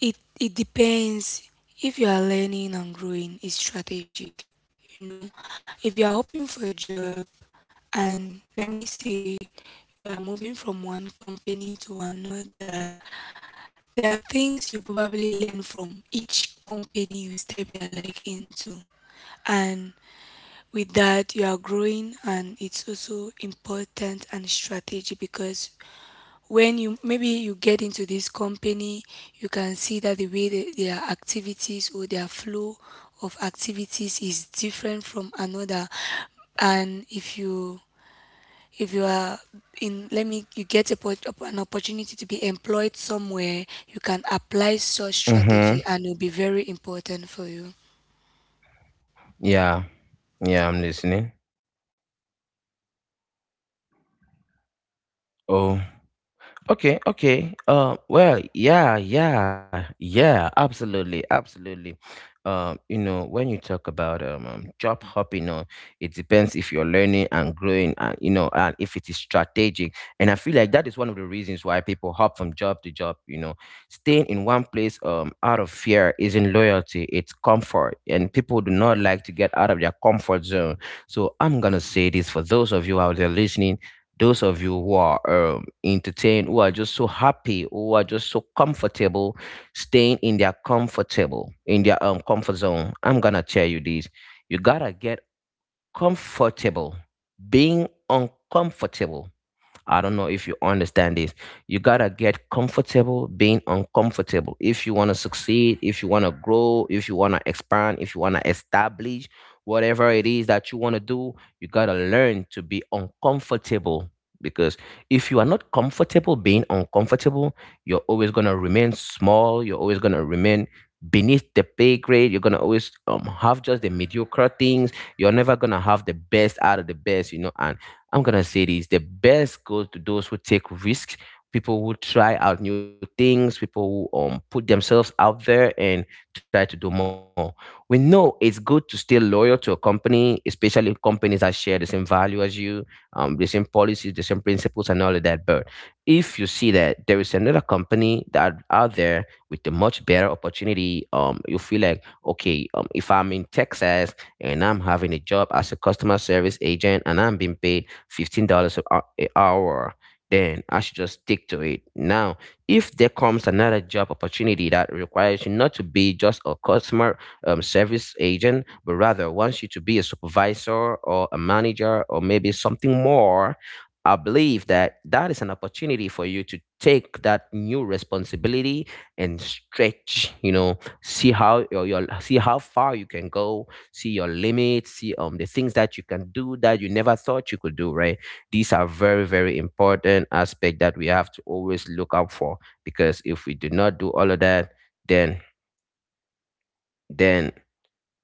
Speaker 2: It depends if you are learning and growing. It's strategic, you know. If you are hoping for a job, and let me say you are moving from one company to another, there are things you probably learn from each company you step your leg into. And with that, you are growing, and it's also important and strategy because when you maybe you get into this company, you can see that the way that their activities or their flow of activities is different from another. And if you are in, let me you get a, an opportunity to be employed somewhere, you can apply such
Speaker 1: Mm-hmm.
Speaker 2: strategy and it'll be very important for you.
Speaker 1: Yeah. Yeah, I'm listening. Oh. Okay, okay. Yeah, yeah, yeah, absolutely, absolutely. You know, when you talk about job hopping, it depends if you're learning and growing, and you know, and if it is strategic. And I feel like that is one of the reasons why people hop from job to job. You know, staying in one place, out of fear isn't loyalty; it's comfort. And people do not like to get out of their comfort zone. So I'm gonna say this for those of you out there listening, those of you who are entertained, who are just so happy, who are just so comfortable, staying in their comfort zone. I'm gonna tell you this: you gotta get comfortable being uncomfortable. I don't know if you understand this. You gotta get comfortable being uncomfortable. If you wanna succeed, if you wanna grow, if you wanna expand, if you wanna establish whatever it is that you wanna do, you gotta learn to be uncomfortable. Because if you are not comfortable being uncomfortable, you're always gonna remain small, you're always gonna remain beneath the pay grade. You're gonna always have just the mediocre things. You're never gonna have the best out of the best. And I'm gonna say this: the best goes to those who take risks, people who try out new things, people who put themselves out there and try to do more. We know it's good to stay loyal to a company, especially if companies that share the same value as you, the same policies, the same principles, and all of that. But if you see that there is another company that out there with a much better opportunity, you feel like okay, if I'm in Texas and I'm having a job as a customer service agent and I'm being paid $15 an hour, then I should just stick to it. Now, if there comes another job opportunity that requires you not to be just a customer service agent, but rather wants you to be a supervisor or a manager or maybe something more, I believe that that is an opportunity for you to take that new responsibility and stretch. You know, see how your see how far you can go, see your limits, see the things that you can do that you never thought you could do, right? These are very, very important aspect that we have to always look out for, because if we do not do all of that, then then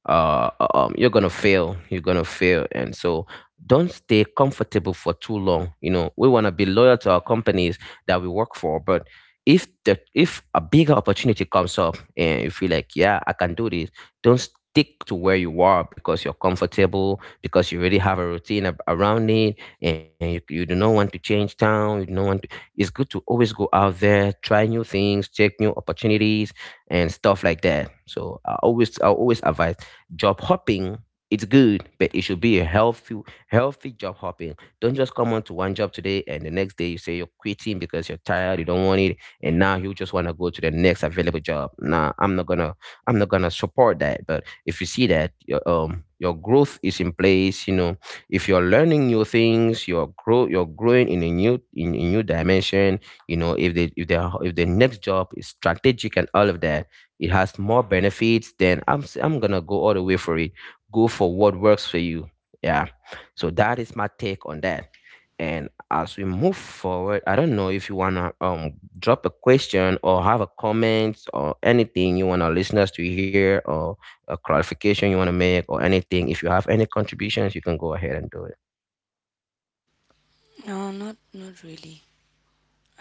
Speaker 1: you're gonna fail. You're gonna fail. And so don't stay comfortable for too long. We want to be loyal to our companies that we work for, but if a bigger opportunity comes up and you feel like yeah, I can do this, don't stick to where you are because you're comfortable, because you already have a routine around it, and you do not want to change town, you do not want to. It's good to always go out there, try new things, check new opportunities and stuff like that. So I always advise. Job hopping, it's good, but it should be a healthy, healthy job hopping. Don't just come on to one job today and the next day you say you're quitting because you're tired, you don't want it, and now you just want to go to the next available job. Nah, I'm not gonna support that. But if you see that your growth is in place, you know, if you're learning new things, you're growing in a new dimension. You know, if the next job is strategic and all of that, it has more benefits. Then I'm gonna go all the way for it. Go for what works for you. Yeah. So that is my take on that. And as we move forward, I don't know if you wanna drop a question or have a comment or anything you want our listeners to hear, or a clarification you want to make or anything. If you have any contributions, you can go ahead and do it.
Speaker 2: No, not really.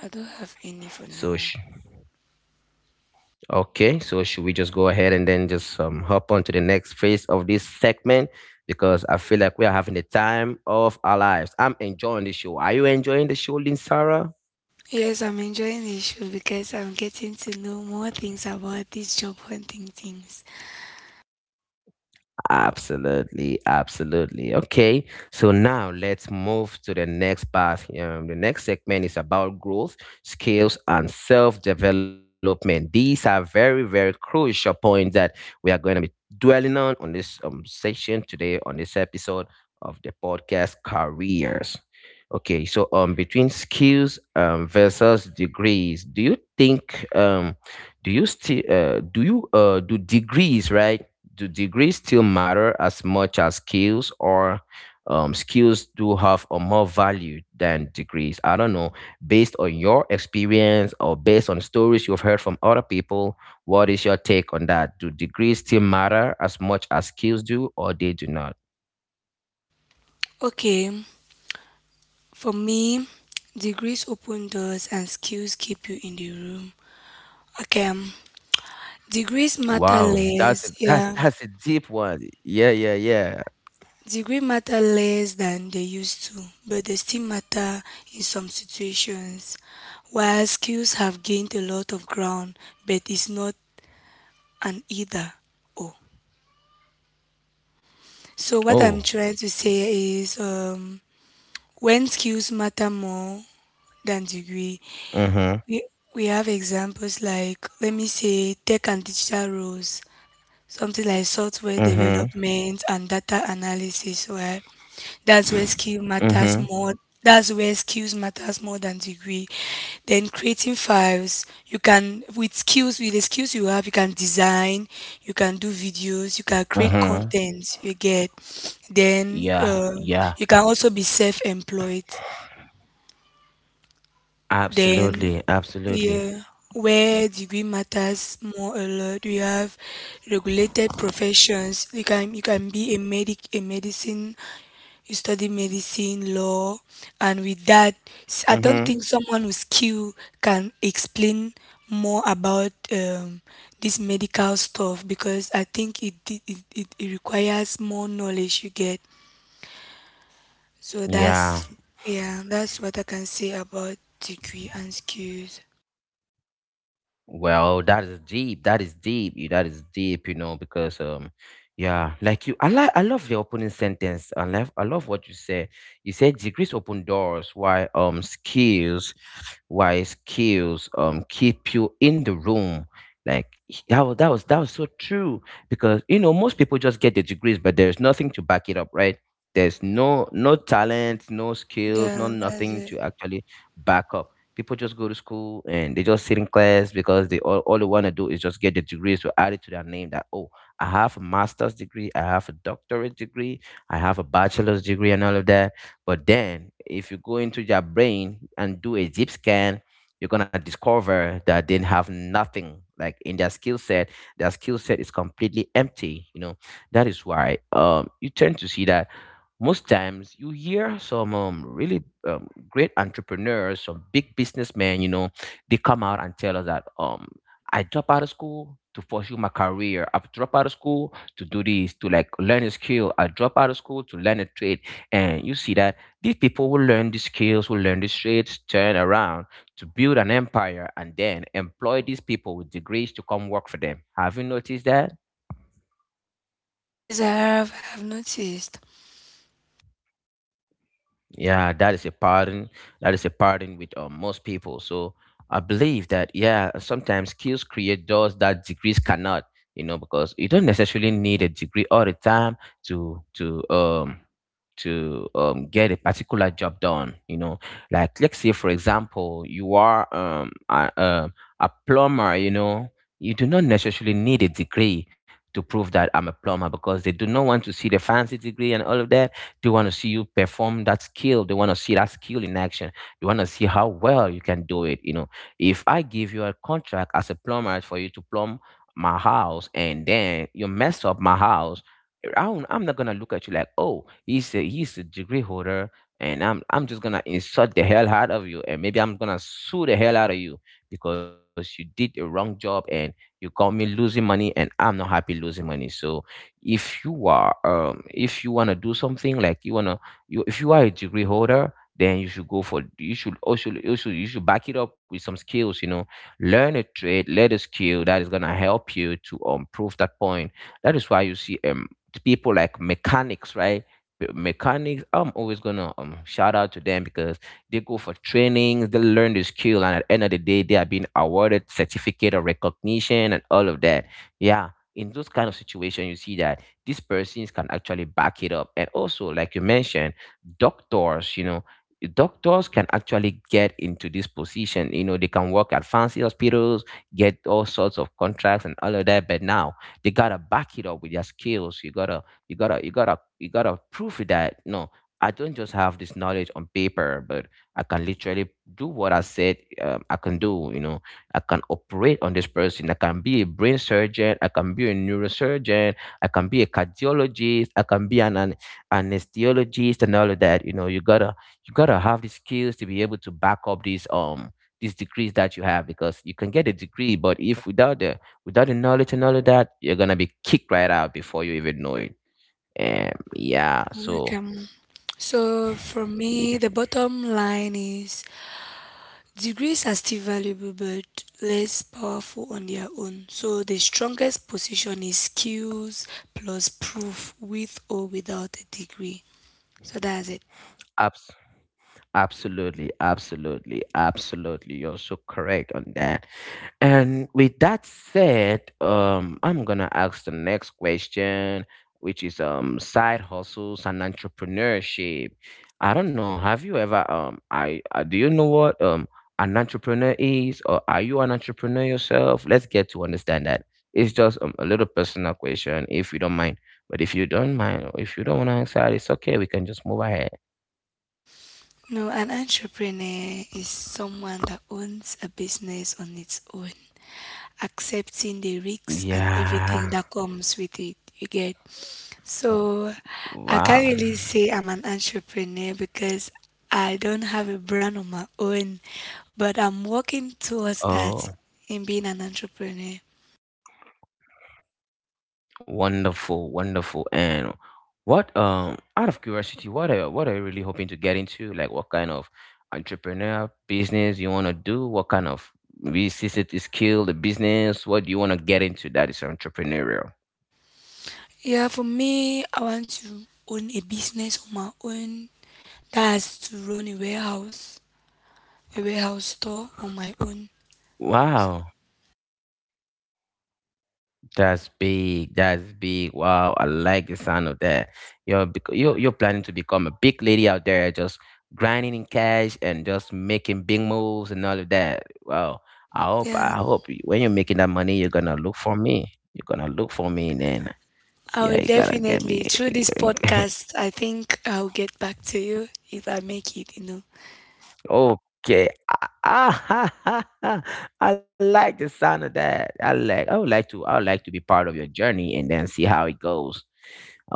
Speaker 2: I don't have any for
Speaker 1: So.
Speaker 2: now.
Speaker 1: Okay, so should we just go ahead and then just hop on to the next phase of this segment? Because I feel like we are having the time of our lives. I'm enjoying the show. Are you enjoying the show, Lynn?
Speaker 2: Yes, I'm enjoying the show because I'm getting to know more things about these job hunting things.
Speaker 1: Absolutely, absolutely. Okay, so now let's move to the next part. The next segment is about growth, skills, and self development. These are very, very crucial points that we are going to be dwelling on this session today, on this episode of the podcast careers. Okay, so between skills versus degrees, do you think do you still do you do degrees, right? Do degrees still matter as much as skills, or skills do have a more value than degrees? I don't know, based on your experience or based on stories you've heard from other people, what is your take on that? Do degrees still matter as much as skills do, or they do not?
Speaker 2: Okay. For me, degrees open doors and skills keep you in the room. Okay, degrees matter
Speaker 1: Wow,
Speaker 2: less, yeah.
Speaker 1: that's a deep one. Yeah, yeah, yeah.
Speaker 2: Degree matter less than they used to, but they still matter in some situations. While skills have gained a lot of ground, but it's not an either or. So what I'm
Speaker 1: Oh.
Speaker 2: trying to say is, when skills matter more than degree,
Speaker 1: Mm-hmm.
Speaker 2: we we have examples like let me say tech and digital roles, something like software
Speaker 1: Mm-hmm.
Speaker 2: development and data analysis, right? That's where skill matters
Speaker 1: Mm-hmm.
Speaker 2: more. That's where skills matters more than degree. Then creating files, you can with skills with the skills you have, you can design, you can do videos, you can create
Speaker 1: Mm-hmm.
Speaker 2: content. You get, then
Speaker 1: Yeah, yeah.
Speaker 2: you can also be self-employed. Then
Speaker 1: Absolutely, absolutely.
Speaker 2: yeah, where degree matters more a lot. You have regulated professions. You can be a medic, a medicine. You study medicine, law, and with that, I don't
Speaker 1: Mm-hmm.
Speaker 2: think someone with skill can explain more about this medical stuff because I think it requires more knowledge, you get. So
Speaker 1: Yeah.
Speaker 2: that's yeah, that's what I can say about degree and skills.
Speaker 1: Well, that is deep. That is deep. That is deep, you know, because yeah, like you I love the opening sentence. I love what you said. You said degrees open doors, why skills, why skills keep you in the room. Like that was that was so true, because you know most people just get the degrees, but there's nothing to back it up, right? There's no talent, no skills, no
Speaker 2: Yeah, that's
Speaker 1: nothing
Speaker 2: it.
Speaker 1: to actually back up. People just go to school and they just sit in class because all they want to do is just get the degrees to add it to their name that, oh, I have a master's degree, I have a doctorate degree, I have a bachelor's degree, and all of that. But then, if you go into their brain and do a deep scan, you're going to discover that they have nothing like in their skill set. Their skill set is completely empty, you know. That is why you tend to see that most times you hear some really great entrepreneurs, some big businessmen, you know, they come out and tell us that I dropped out of school to pursue my career. I've dropped out of school to do this, to like learn a skill. I dropped out of school to learn a trade. And you see that these people who learn these skills, who learn these trades, turn around to build an empire and then employ these people with degrees to come work for them. Have you noticed that?
Speaker 2: Yes, I have noticed.
Speaker 1: Yeah, that is a pattern. That is a pattern with most people. So I believe that yeah, sometimes skills create doors that degrees cannot. You know, because you don't necessarily need a degree all the time to to um to get a particular job done. You know, like let's say for example, you are a plumber. You know, you do not necessarily need a degree to prove that I'm a plumber, because they do not want to see the fancy degree and all of that. They want to see you perform that skill. They want to see that skill in action. They want to see how well you can do it. You know, if I give you a contract as a plumber for you to plumb my house and then you mess up my house, I'm not gonna look at you like, oh, he's a degree holder, and I'm just gonna insult the hell out of you, and maybe I'm gonna sue the hell out of you because you did a wrong job and you got me losing money, and I'm not happy losing money. So if you want to do something like you want to you if you are a degree holder, then you should also you should back it up with some skills, you know. Learn a trade, learn a skill that is going to help you to prove that point. That is why you see people like mechanics, right? Mechanics, I'm always gonna shout out to them, because they go for trainings, they learn the skill, and at the end of the day they are being awarded certificate of recognition and all of that. Yeah. In those kind of situation you see that these persons can actually back it up, and also like you mentioned, doctors, you know. Doctors can actually get into this position, you know. They can work at fancy hospitals, get all sorts of contracts and all of that, but now they gotta back it up with their skills. You gotta prove it that no, I don't just have this knowledge on paper, but I can literally do what I said. I can do, you know. I can operate on this person. I can be a brain surgeon. I can be a neurosurgeon. I can be a cardiologist. I can be an anesthesiologist and all of that. You know, you gotta have the skills to be able to back up these degrees that you have, because you can get a degree, but if without the without the knowledge and all of that, you're gonna be kicked right out before you even know it. Yeah. So,
Speaker 2: Welcome. So for me, the bottom line is degrees are still valuable but less powerful on their own. So the strongest position is skills plus proof, with or without a degree. So that's it.
Speaker 1: apps. Absolutely, absolutely, absolutely. You're so correct on that. And with that said, I'm gonna ask the next question, which is side hustles and entrepreneurship. I don't know. Have you ever I do you know what an entrepreneur is, or are you an entrepreneur yourself? Let's get to understand that. It's just a little personal question, if you don't mind. But if you don't mind, or if you don't want to answer, it's okay. We can just move ahead.
Speaker 2: No, an entrepreneur is someone that owns a business on its own, accepting the risks and
Speaker 1: Yeah.
Speaker 2: everything that comes with it, you get. So I can't
Speaker 1: Wow.
Speaker 2: really say I'm an entrepreneur because I don't have a brand on my own, but I'm working towards that,
Speaker 1: Oh,
Speaker 2: in being an entrepreneur.
Speaker 1: wonderful, wonderful. And what, out of curiosity, what are you really hoping to get into? Like, what kind of entrepreneur business you want to do? What kind of business skill, the business? What do you want to get into that is entrepreneurial?
Speaker 2: Yeah, for me, I want to own a business on my own. That's to run a warehouse store on my own.
Speaker 1: Wow. That's big. That's big. Wow, I like the sound of that. You're planning to become a big lady out there, just grinding in cash and just making big moves and all of that. Wow.
Speaker 2: Yeah,
Speaker 1: I hope when you're making that money, you're gonna look for me. You're gonna look for me, and then
Speaker 2: I
Speaker 1: yeah,
Speaker 2: will
Speaker 1: you gotta get me.
Speaker 2: definitely, through this podcast, I think I'll get back to you if I make it, you know.
Speaker 1: Okay. Ah, I like the sound of that. I like. I would like to. I would like to be part of your journey and then see how it goes.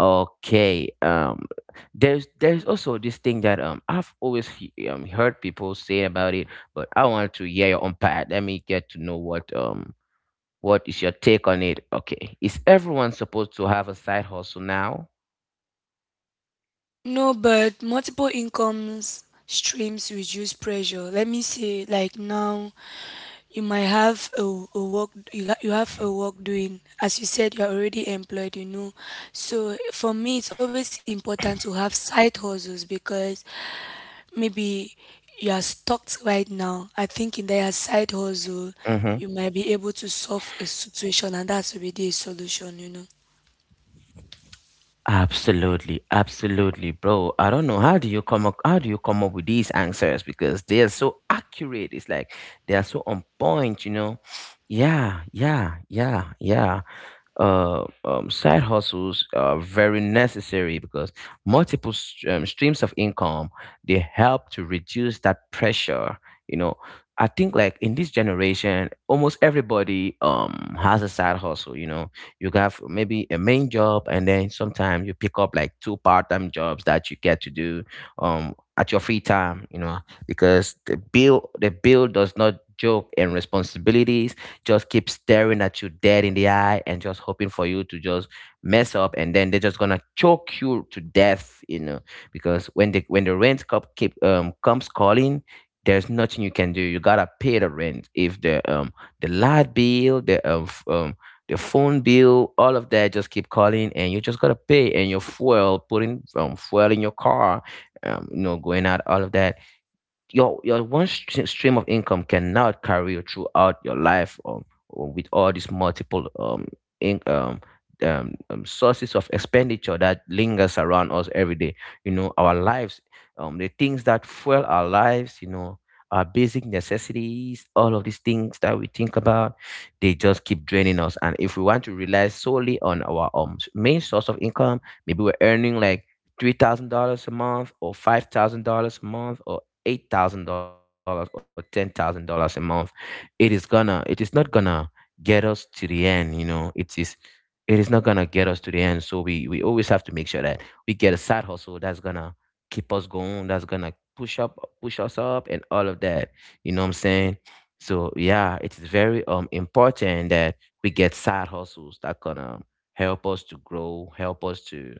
Speaker 1: Okay. There's also this thing that I've always heard people say about it, but I want to hear your own part. Let me get to know what is your take on it. Okay. Is everyone supposed to have a side hustle now?
Speaker 2: No, but multiple incomes streams reduce pressure. Let me say, like now, you might have a work you you have a work doing. As you said, you are already employed, you know, so for me, it's always important to have side hustles because maybe you are stuck right now. I think in that side hustle,
Speaker 1: Mm-hmm.
Speaker 2: you might be able to solve a situation, and that's already a solution, you know.
Speaker 1: Absolutely, absolutely, bro. I don't know, how do you come up with these answers, because they are so accurate? It's like they are so on point, you know. Yeah, yeah, yeah, yeah, side hustles are very necessary because multiple streams of income, they help to reduce that pressure, you know. I think like in this generation almost everybody has a side hustle, you know. You have maybe a main job, and then sometimes you pick up like two part-time jobs that you get to do at your free time, you know, because the bill does not joke, and responsibilities just keep staring at you dead in the eye and just hoping for you to just mess up, and then they're just gonna choke you to death, you know. Because when the rent cop keep comes calling, there's nothing you can do. You gotta pay the rent. If the the light bill, the the phone bill, all of that just keep calling, and you just gotta pay, and your fuel, putting fuel in your car, you know, going out, all of that. Your stream of income cannot carry you throughout your life, with all these multiple in, um, sources of expenditure that lingers around us every day. You know, our lives, the things that fuel our lives, you know, our basic necessities, all of these things that we think about, they just keep draining us. And if we want to rely solely on our main source of income, maybe we're earning like $3,000 a month or $5,000 a month or $8,000 or $10,000 a month, it is not gonna get us to the end, you know. It is not gonna get us to the end. So we always have to make sure that we get a side hustle that's gonna keep us going, that's gonna push us up and all of that. You know what I'm saying? So yeah, it is very important that we get side hustles that gonna help us to grow, help us to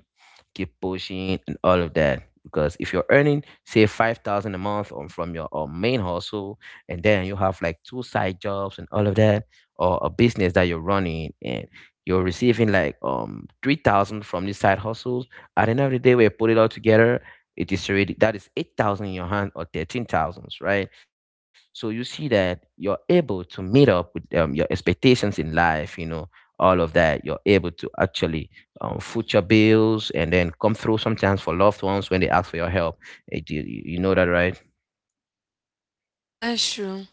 Speaker 1: keep pushing and all of that, because if you're earning say 5,000 a month on from your main hustle, and then you have like two side jobs and all of that, or a business that you're running, and you're receiving like 3,000 from these side hustles, at the end of the day when you put it all together, it is already, that is 8,000 in your hand or 13,000, right? So you see that you're able to meet up with your expectations in life, you know, all of that. You're able to actually future bills and then come through sometimes for loved ones when they ask for your help. Eh, do you, you know that, right?
Speaker 2: That's true.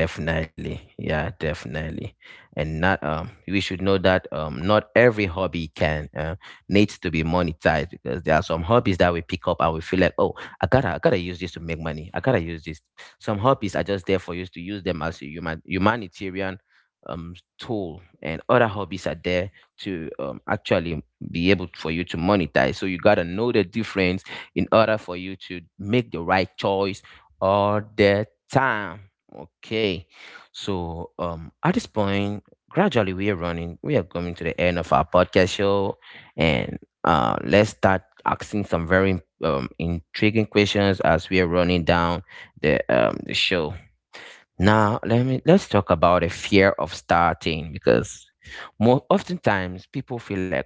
Speaker 1: Definitely. Yeah, definitely. And not we should know that not every hobby can needs to be monetized, because there are some hobbies that we pick up and we feel like, "Oh, I got to use this to make money. I got to use this." Some hobbies are just there for you to use them as a humanitarian tool, and other hobbies are there to actually be able for you to monetize. So you got to know the difference in order for you to make the right choice all the time. Okay. So at this point, gradually we are running, we are coming to the end of our podcast show, and let's start asking some very intriguing questions as we are running down the show. Now let's talk about the fear of starting, because more oftentimes, people feel like,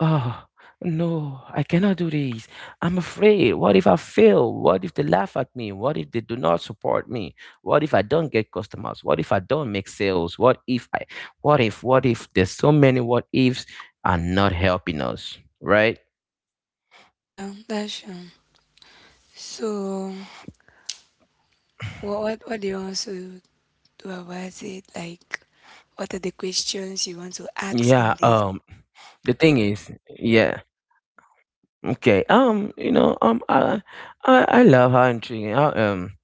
Speaker 1: oh, no, I cannot do this. I'm afraid. What if I fail? What if they laugh at me? What if they do not support me? What if I don't get customers? What if I don't make sales? What if I, what if, what if, there's so many what ifs are not helping us, right?
Speaker 2: Yeah, that's true. So, what do you want to? What was it like? What are the questions you want to ask
Speaker 1: Yeah.
Speaker 2: on this?
Speaker 1: The thing is, yeah. Okay. I love how intriguing. How um.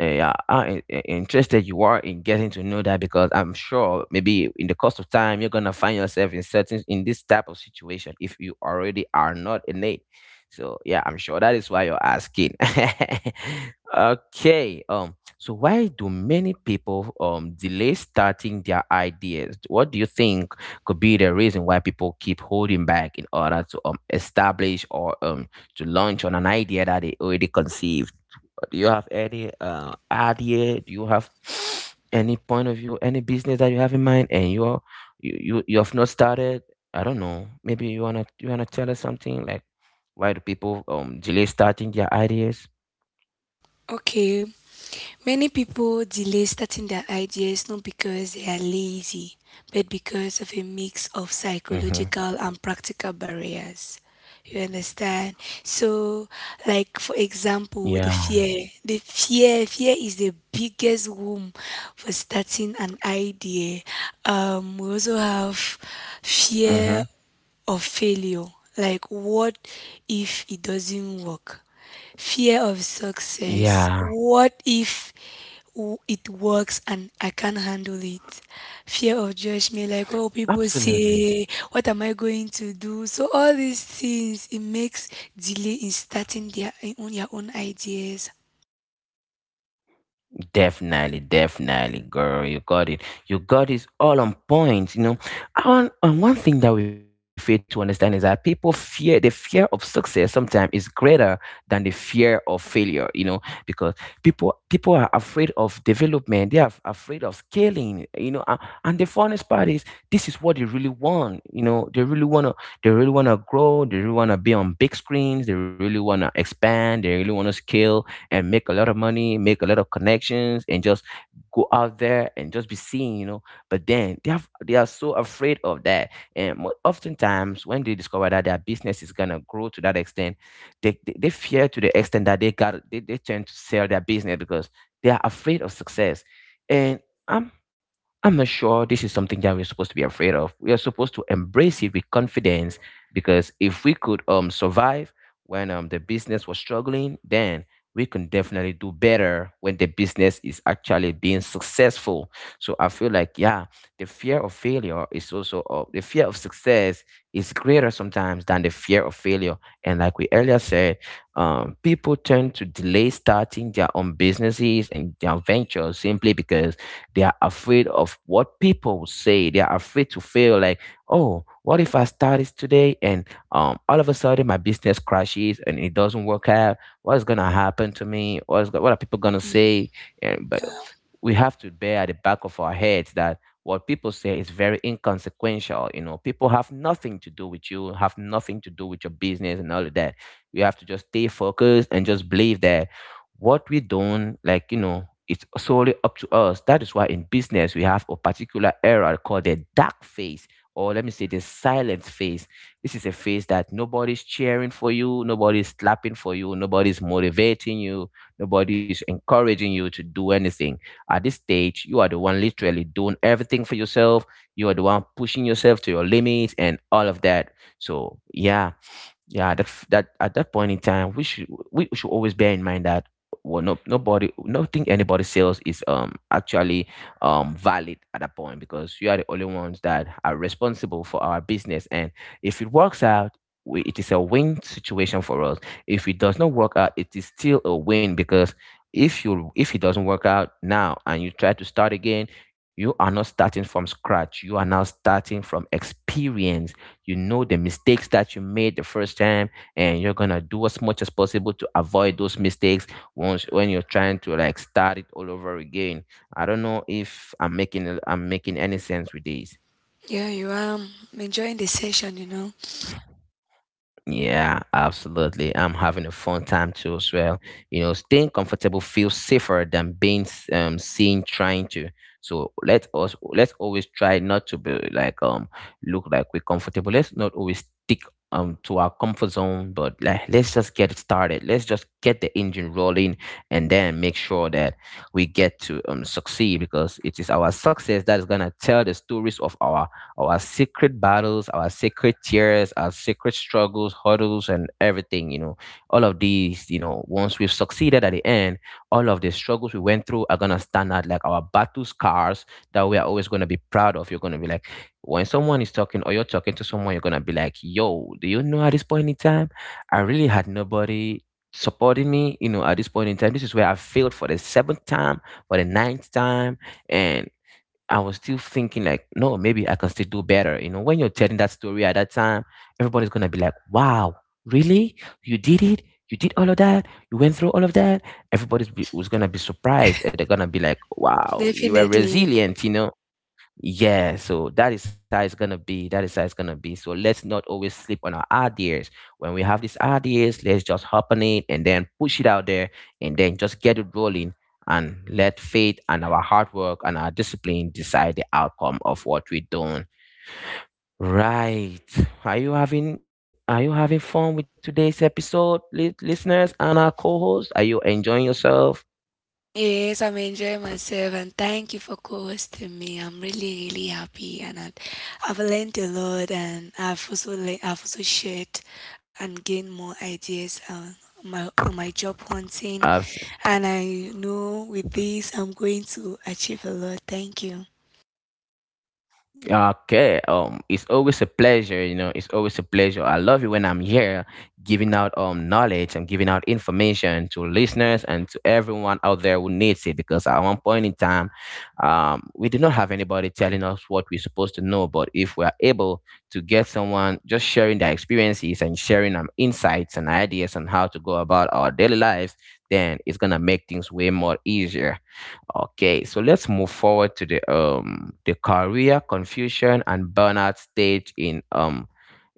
Speaker 1: eh, Yeah. Interested you are in getting to know that, because I'm sure maybe in the course of time you're gonna find yourself in this type of situation, if you already are not in it. So yeah, I'm sure that is why you're asking. Okay. So why do many people delay starting their ideas? What do you think could be the reason why people keep holding back in order to establish or to launch on an idea that they already conceived? Do you have any idea? Do you have any point of view, any business that you have in mind, and you are, you have not started? I don't know. Maybe you wanna tell us something like why do people delay starting their ideas?
Speaker 2: Okay, many people delay starting their ideas not because they are lazy, but because of a mix of
Speaker 1: Mm-hmm.
Speaker 2: psychological and practical barriers. You understand? So, like for example, the
Speaker 1: Yeah.
Speaker 2: fear. Fear is the biggest womb for starting an idea. We also have
Speaker 1: Mm-hmm.
Speaker 2: fear of failure. Like, what if it doesn't work? Fear of success.
Speaker 1: Yeah.
Speaker 2: What if it works and I can't handle it? Fear of judgment, like oh people
Speaker 1: Absolutely.
Speaker 2: say, what am I going to do? So all these things, it makes delay in starting their on your own ideas.
Speaker 1: Definitely, definitely, girl. You got it. You got it all on point. You know, and one thing that we fail to understand is that people fear the fear of success sometimes is greater than the fear of failure. You know, because people are afraid of development. Afraid of scaling. You know, and the funnest part is this is what they really want. You know, they really wanna grow. They really wanna be on big screens. They really wanna expand. They really wanna scale and make a lot of money, make a lot of connections, and just go out there and just be seen, you know. But then they are so afraid of that, and oftentimes when they discover that their business is gonna grow to that extent, they fear to the extent that they tend to sell their business because they are afraid of success, and. I'm I'm not sure this is something that we're supposed to be afraid of. We are supposed to embrace it with confidence, because if we could survive when the business was struggling, then we can definitely do better when the business is actually being successful. So I feel like yeah, the fear of success is greater sometimes than the fear of failure. And like we earlier said, people tend to delay starting their own businesses and their ventures simply because they are afraid of what people will say. They are afraid to fail. Like, oh, what if I start this today and all of a sudden my business crashes and it doesn't work out? What's gonna happen to me? What are people gonna say? And but we have to bear at the back of our heads that what people say is very inconsequential. You know, people have nothing to do with you, have nothing to do with your business and all of that. We have to just stay focused and just believe that what we don't like, you know, it's solely up to us. That is why in business we have a particular era called the dark phase, or let me say the silent phase. This is a phase that nobody's cheering for you, nobody's clapping for you, nobody's motivating you, nobody's encouraging you to do anything at this stage, you are the one literally doing everything for yourself. You are the one pushing yourself to your limits and all of that. So, yeah, yeah, that at that point in time we should always bear in mind that, well, no nobody nothing anybody sells is actually valid at that point, because you are the only ones that are responsible for our business. And if it works out, it is a win situation for us. If it does not work out, it is still a win, because if you if it doesn't work out now and you try to start again, you are not starting from scratch, you are now starting from experience. You know the mistakes that you made the first time, and you're gonna do as much as possible to avoid those mistakes once when you're trying to like start it all over again. I don't know if I'm making any sense with this.
Speaker 2: Yeah, you are enjoying the session, you know.
Speaker 1: Yeah, absolutely. I'm having a fun time too as well. You know, staying comfortable feels safer than being seen trying to. So let's always try not to be like, look like we're comfortable. Let's not always stick to our comfort zone, but like let's just get it started. Let's just get the engine rolling and then make sure that we get to succeed, because it is our success that is gonna tell the stories of our secret battles, our secret tears, our secret struggles, hurdles, and everything. You know, all of these, you know, once we've succeeded at the end, all of the struggles we went through are going to stand out like our battle scars that we are always going to be proud of. You're going to be like, when someone is talking or you're talking to someone, you're going to be like, yo, do you know at this point in time, I really had nobody supporting me, you know, at this point in time, this is where I failed for the seventh time, for the ninth time, and I was still thinking like, no, maybe I can still do better. You know, when you're telling that story at that time, everybody's gonna be like, wow, really? You did it? You did all of that? You went through all of that? Was gonna be surprised, and they're gonna be like, wow, you were
Speaker 2: Definitely.
Speaker 1: resilient, you know. Yeah, so that is how it's gonna be. That is how it's gonna be. So let's not always sleep on our ideas. When we have these ideas, let's just hop on it and then push it out there and then just get it rolling, and let faith and our hard work and our discipline decide the outcome of what we're doing. Right. Are you having fun with today's episode, listeners and our co-host? Are you enjoying yourself?
Speaker 2: Yes, I'm enjoying myself and thank you for co-hosting me. I'm really, really happy and I've learned a lot and I've also I've also shared and gained more ideas on my job hunting, and I know with this I'm going to achieve a lot. Thank you.
Speaker 1: Okay. It's always a pleasure. You know, it's always a pleasure. I love it when I'm here giving out knowledge and giving out information to listeners and to everyone out there who needs it. Because at one point in time, we do not have anybody telling us what we're supposed to know. But if we are able to get someone just sharing their experiences and sharing insights and ideas on how to go about our daily lives, then it's gonna make things way more easier. Okay, so let's move forward to the career confusion and burnout stage in um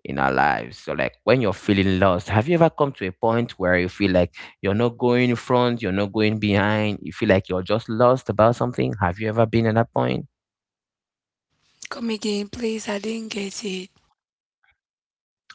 Speaker 1: in our lives. So like when you're feeling lost, have you ever come to a point where you feel like you're not going in front, you're not going behind, you feel like you're just lost about something? Have you ever been at that point?
Speaker 2: Come again, please. I didn't get it.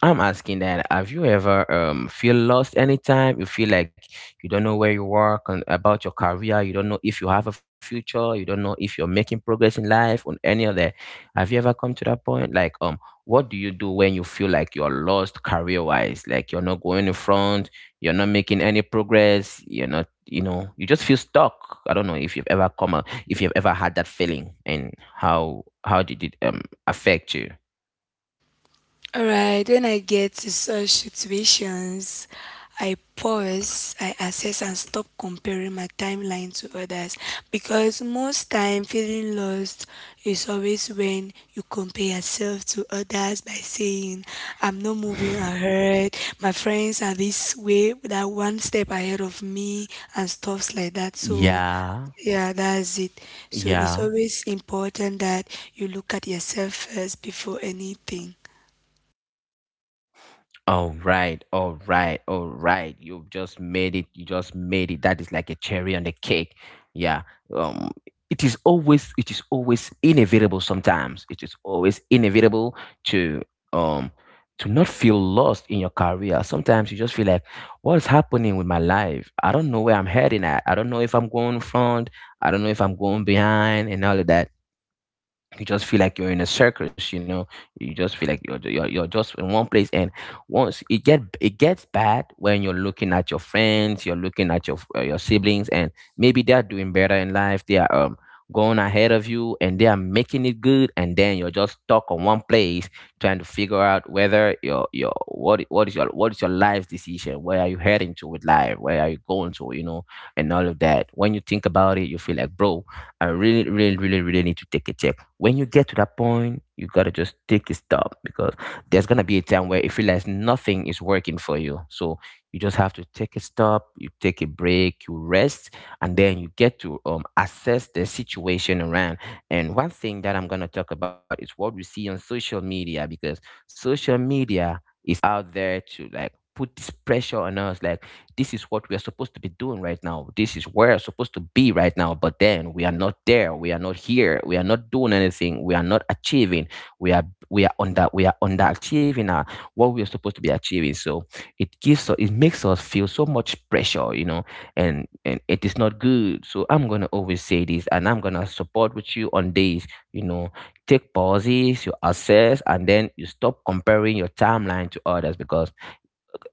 Speaker 1: I'm asking that have you ever feel lost anytime? You feel like you don't know where you are about your career, you don't know if you have a future, you don't know if you're making progress in life on any of that. Have you ever come to that point? Like, what do you do when you feel like you're lost career wise? Like you're not going in front, you're not making any progress, you're not, you know, you just feel stuck. I don't know if you've ever if you've ever had that feeling, and how did it affect you?
Speaker 2: Alright, when I get to such situations, I pause, I assess, and stop comparing my timeline to others, because most time feeling lost is always when you compare yourself to others by saying, I'm not moving ahead, my friends are this way, that one step ahead of me, and stuffs like that. So,
Speaker 1: Yeah.
Speaker 2: yeah, that's it. So, it's
Speaker 1: Yeah.
Speaker 2: always important that you look at yourself first before anything.
Speaker 1: All right, all right, all right. You've just made it. You just made it. That is like a cherry on the cake. Yeah. Um it is always inevitable sometimes. It is always inevitable to um to not feel lost in your career. Sometimes you just feel like, what is happening with my life? I don't know where I'm heading at. I don't know if I'm going front, I don't know if I'm going behind and all of that. You just feel like you're in a circus. You know, you just feel like you're just in one place. And once it gets bad when you're looking at your friends, you're looking at your siblings, and maybe they're doing better in life, they are going ahead of you and they are making it good, and then you're just stuck on one place trying to figure out whether your what is your life decision, where are you heading to with life, where are you going to, you know, and all of that. When you think about it, you feel like, bro, I really really really really need to take a check. When you get to that point, you gotta just take a stop, because there's gonna be a time where you feel like nothing is working for you. So you just have to take a stop, you take a break, you rest, and then you get to assess the situation around. And one thing that I'm gonna talk about is what we see on social media, because social media is out there to like put this pressure on us, like this is what we are supposed to be doing right now. This is where we're supposed to be right now. But then we are not there. We are not here. We are not doing anything. We are not achieving. We are we are underachieving what we are supposed to be achieving. So it makes us feel so much pressure, you know. And it is not good. So I'm gonna always say this, and I'm gonna support with you on this. You know, take pauses, you assess, and then you stop comparing your timeline to others, because,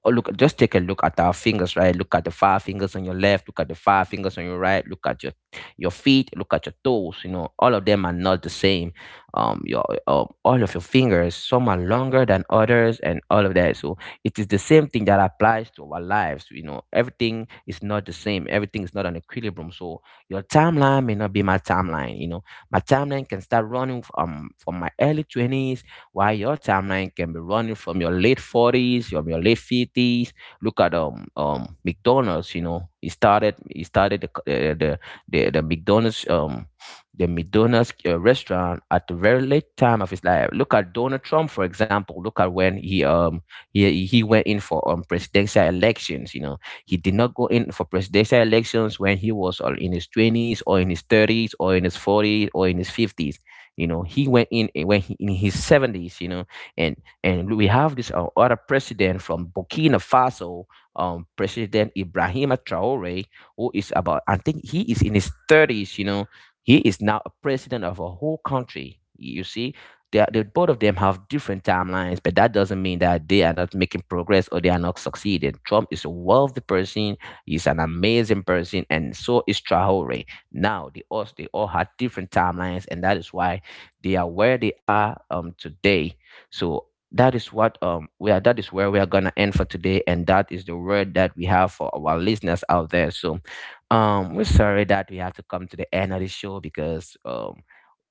Speaker 1: oh, look, just take a look at our fingers, right? Look at the five fingers on your left, look at the five fingers on your right, look at your feet, look at your toes. You know, all of them are not the same. Your all of your fingers, some are longer than others, and all of that. So it is the same thing that applies to our lives. You know, everything is not the same. Everything is not an equilibrium. So your timeline may not be my timeline. You know, my timeline can start running from my early 20s, while your timeline can be running from your late 40s, from your late 50s. Look at McDonald's. You know, he started the c- the, the McDonald's um the McDonald's restaurant at the very late time of his life. Look at Donald Trump, for example. Look at when he went in for presidential elections. You know, he did not go in for presidential elections when he was in his twenties or in his thirties or in his forties or in his fifties. You know, he went in, in his 70s. You know, and we have this other president from Burkina Faso, President Ibrahima Traore, who is about, I think, he is in his 30s. You know, he is now a president of a whole country. You see, both of them have different timelines, but that doesn't mean that they are not making progress or they are not succeeding. Trump is a wealthy person, he's an amazing person, and so is Traore. Now they all had different timelines, and that is why they are where they are today. So that is where we are gonna end for today, and that is the word that we have for our listeners out there. So we're sorry that we have to come to the end of the show, because um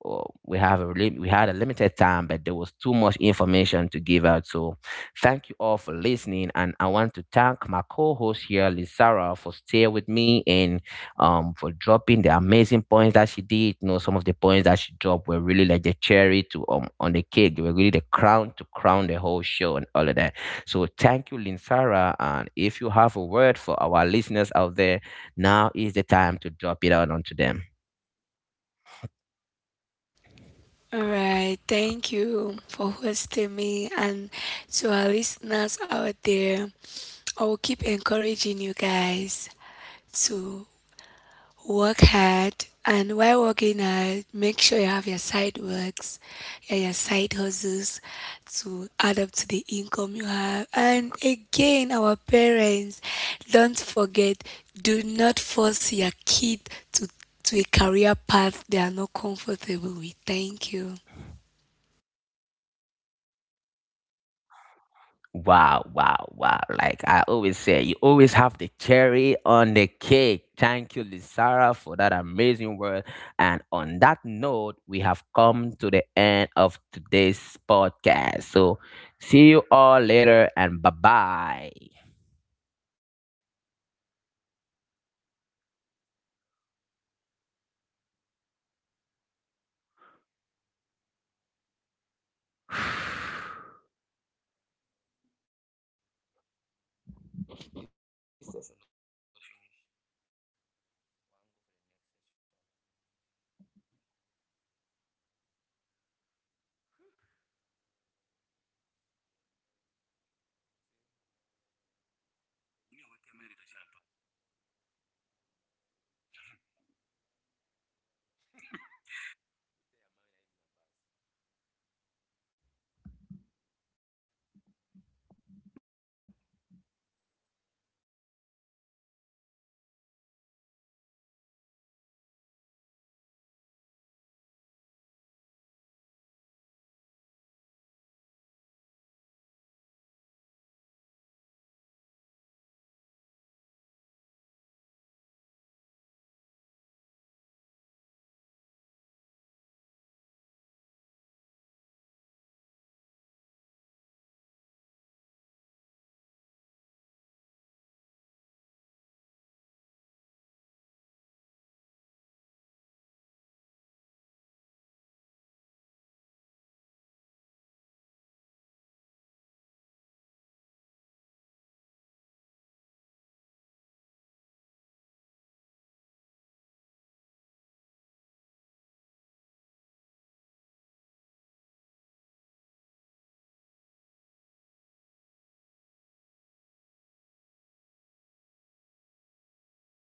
Speaker 1: uh, we had a limited time, but there was too much information to give out. So thank you all for listening, and I want to thank my co-host here, Lizara, for staying with me, and for dropping the amazing points that she did. You know, some of the points that she dropped were really like the cherry to on the cake. They were really the crown to crown the whole show and all of that. So thank you, Linsara. And if you have a word for our listeners out there, now is the time to drop it out onto them.
Speaker 2: All right, thank you for hosting me, and to our listeners out there, I will keep encouraging you guys to work hard, and while working hard, make sure you have your side works, yeah, your side hustles, to add up to the income you have. And again, our parents, don't forget, do not force your kid to to a career path they are not comfortable with. Thank you.
Speaker 1: Wow, wow, wow. Like I always say, you always have the cherry on the cake. Thank you, Lizara, for that amazing word. And on that note, we have come to the end of today's podcast. So see you all later and bye bye. What's going on?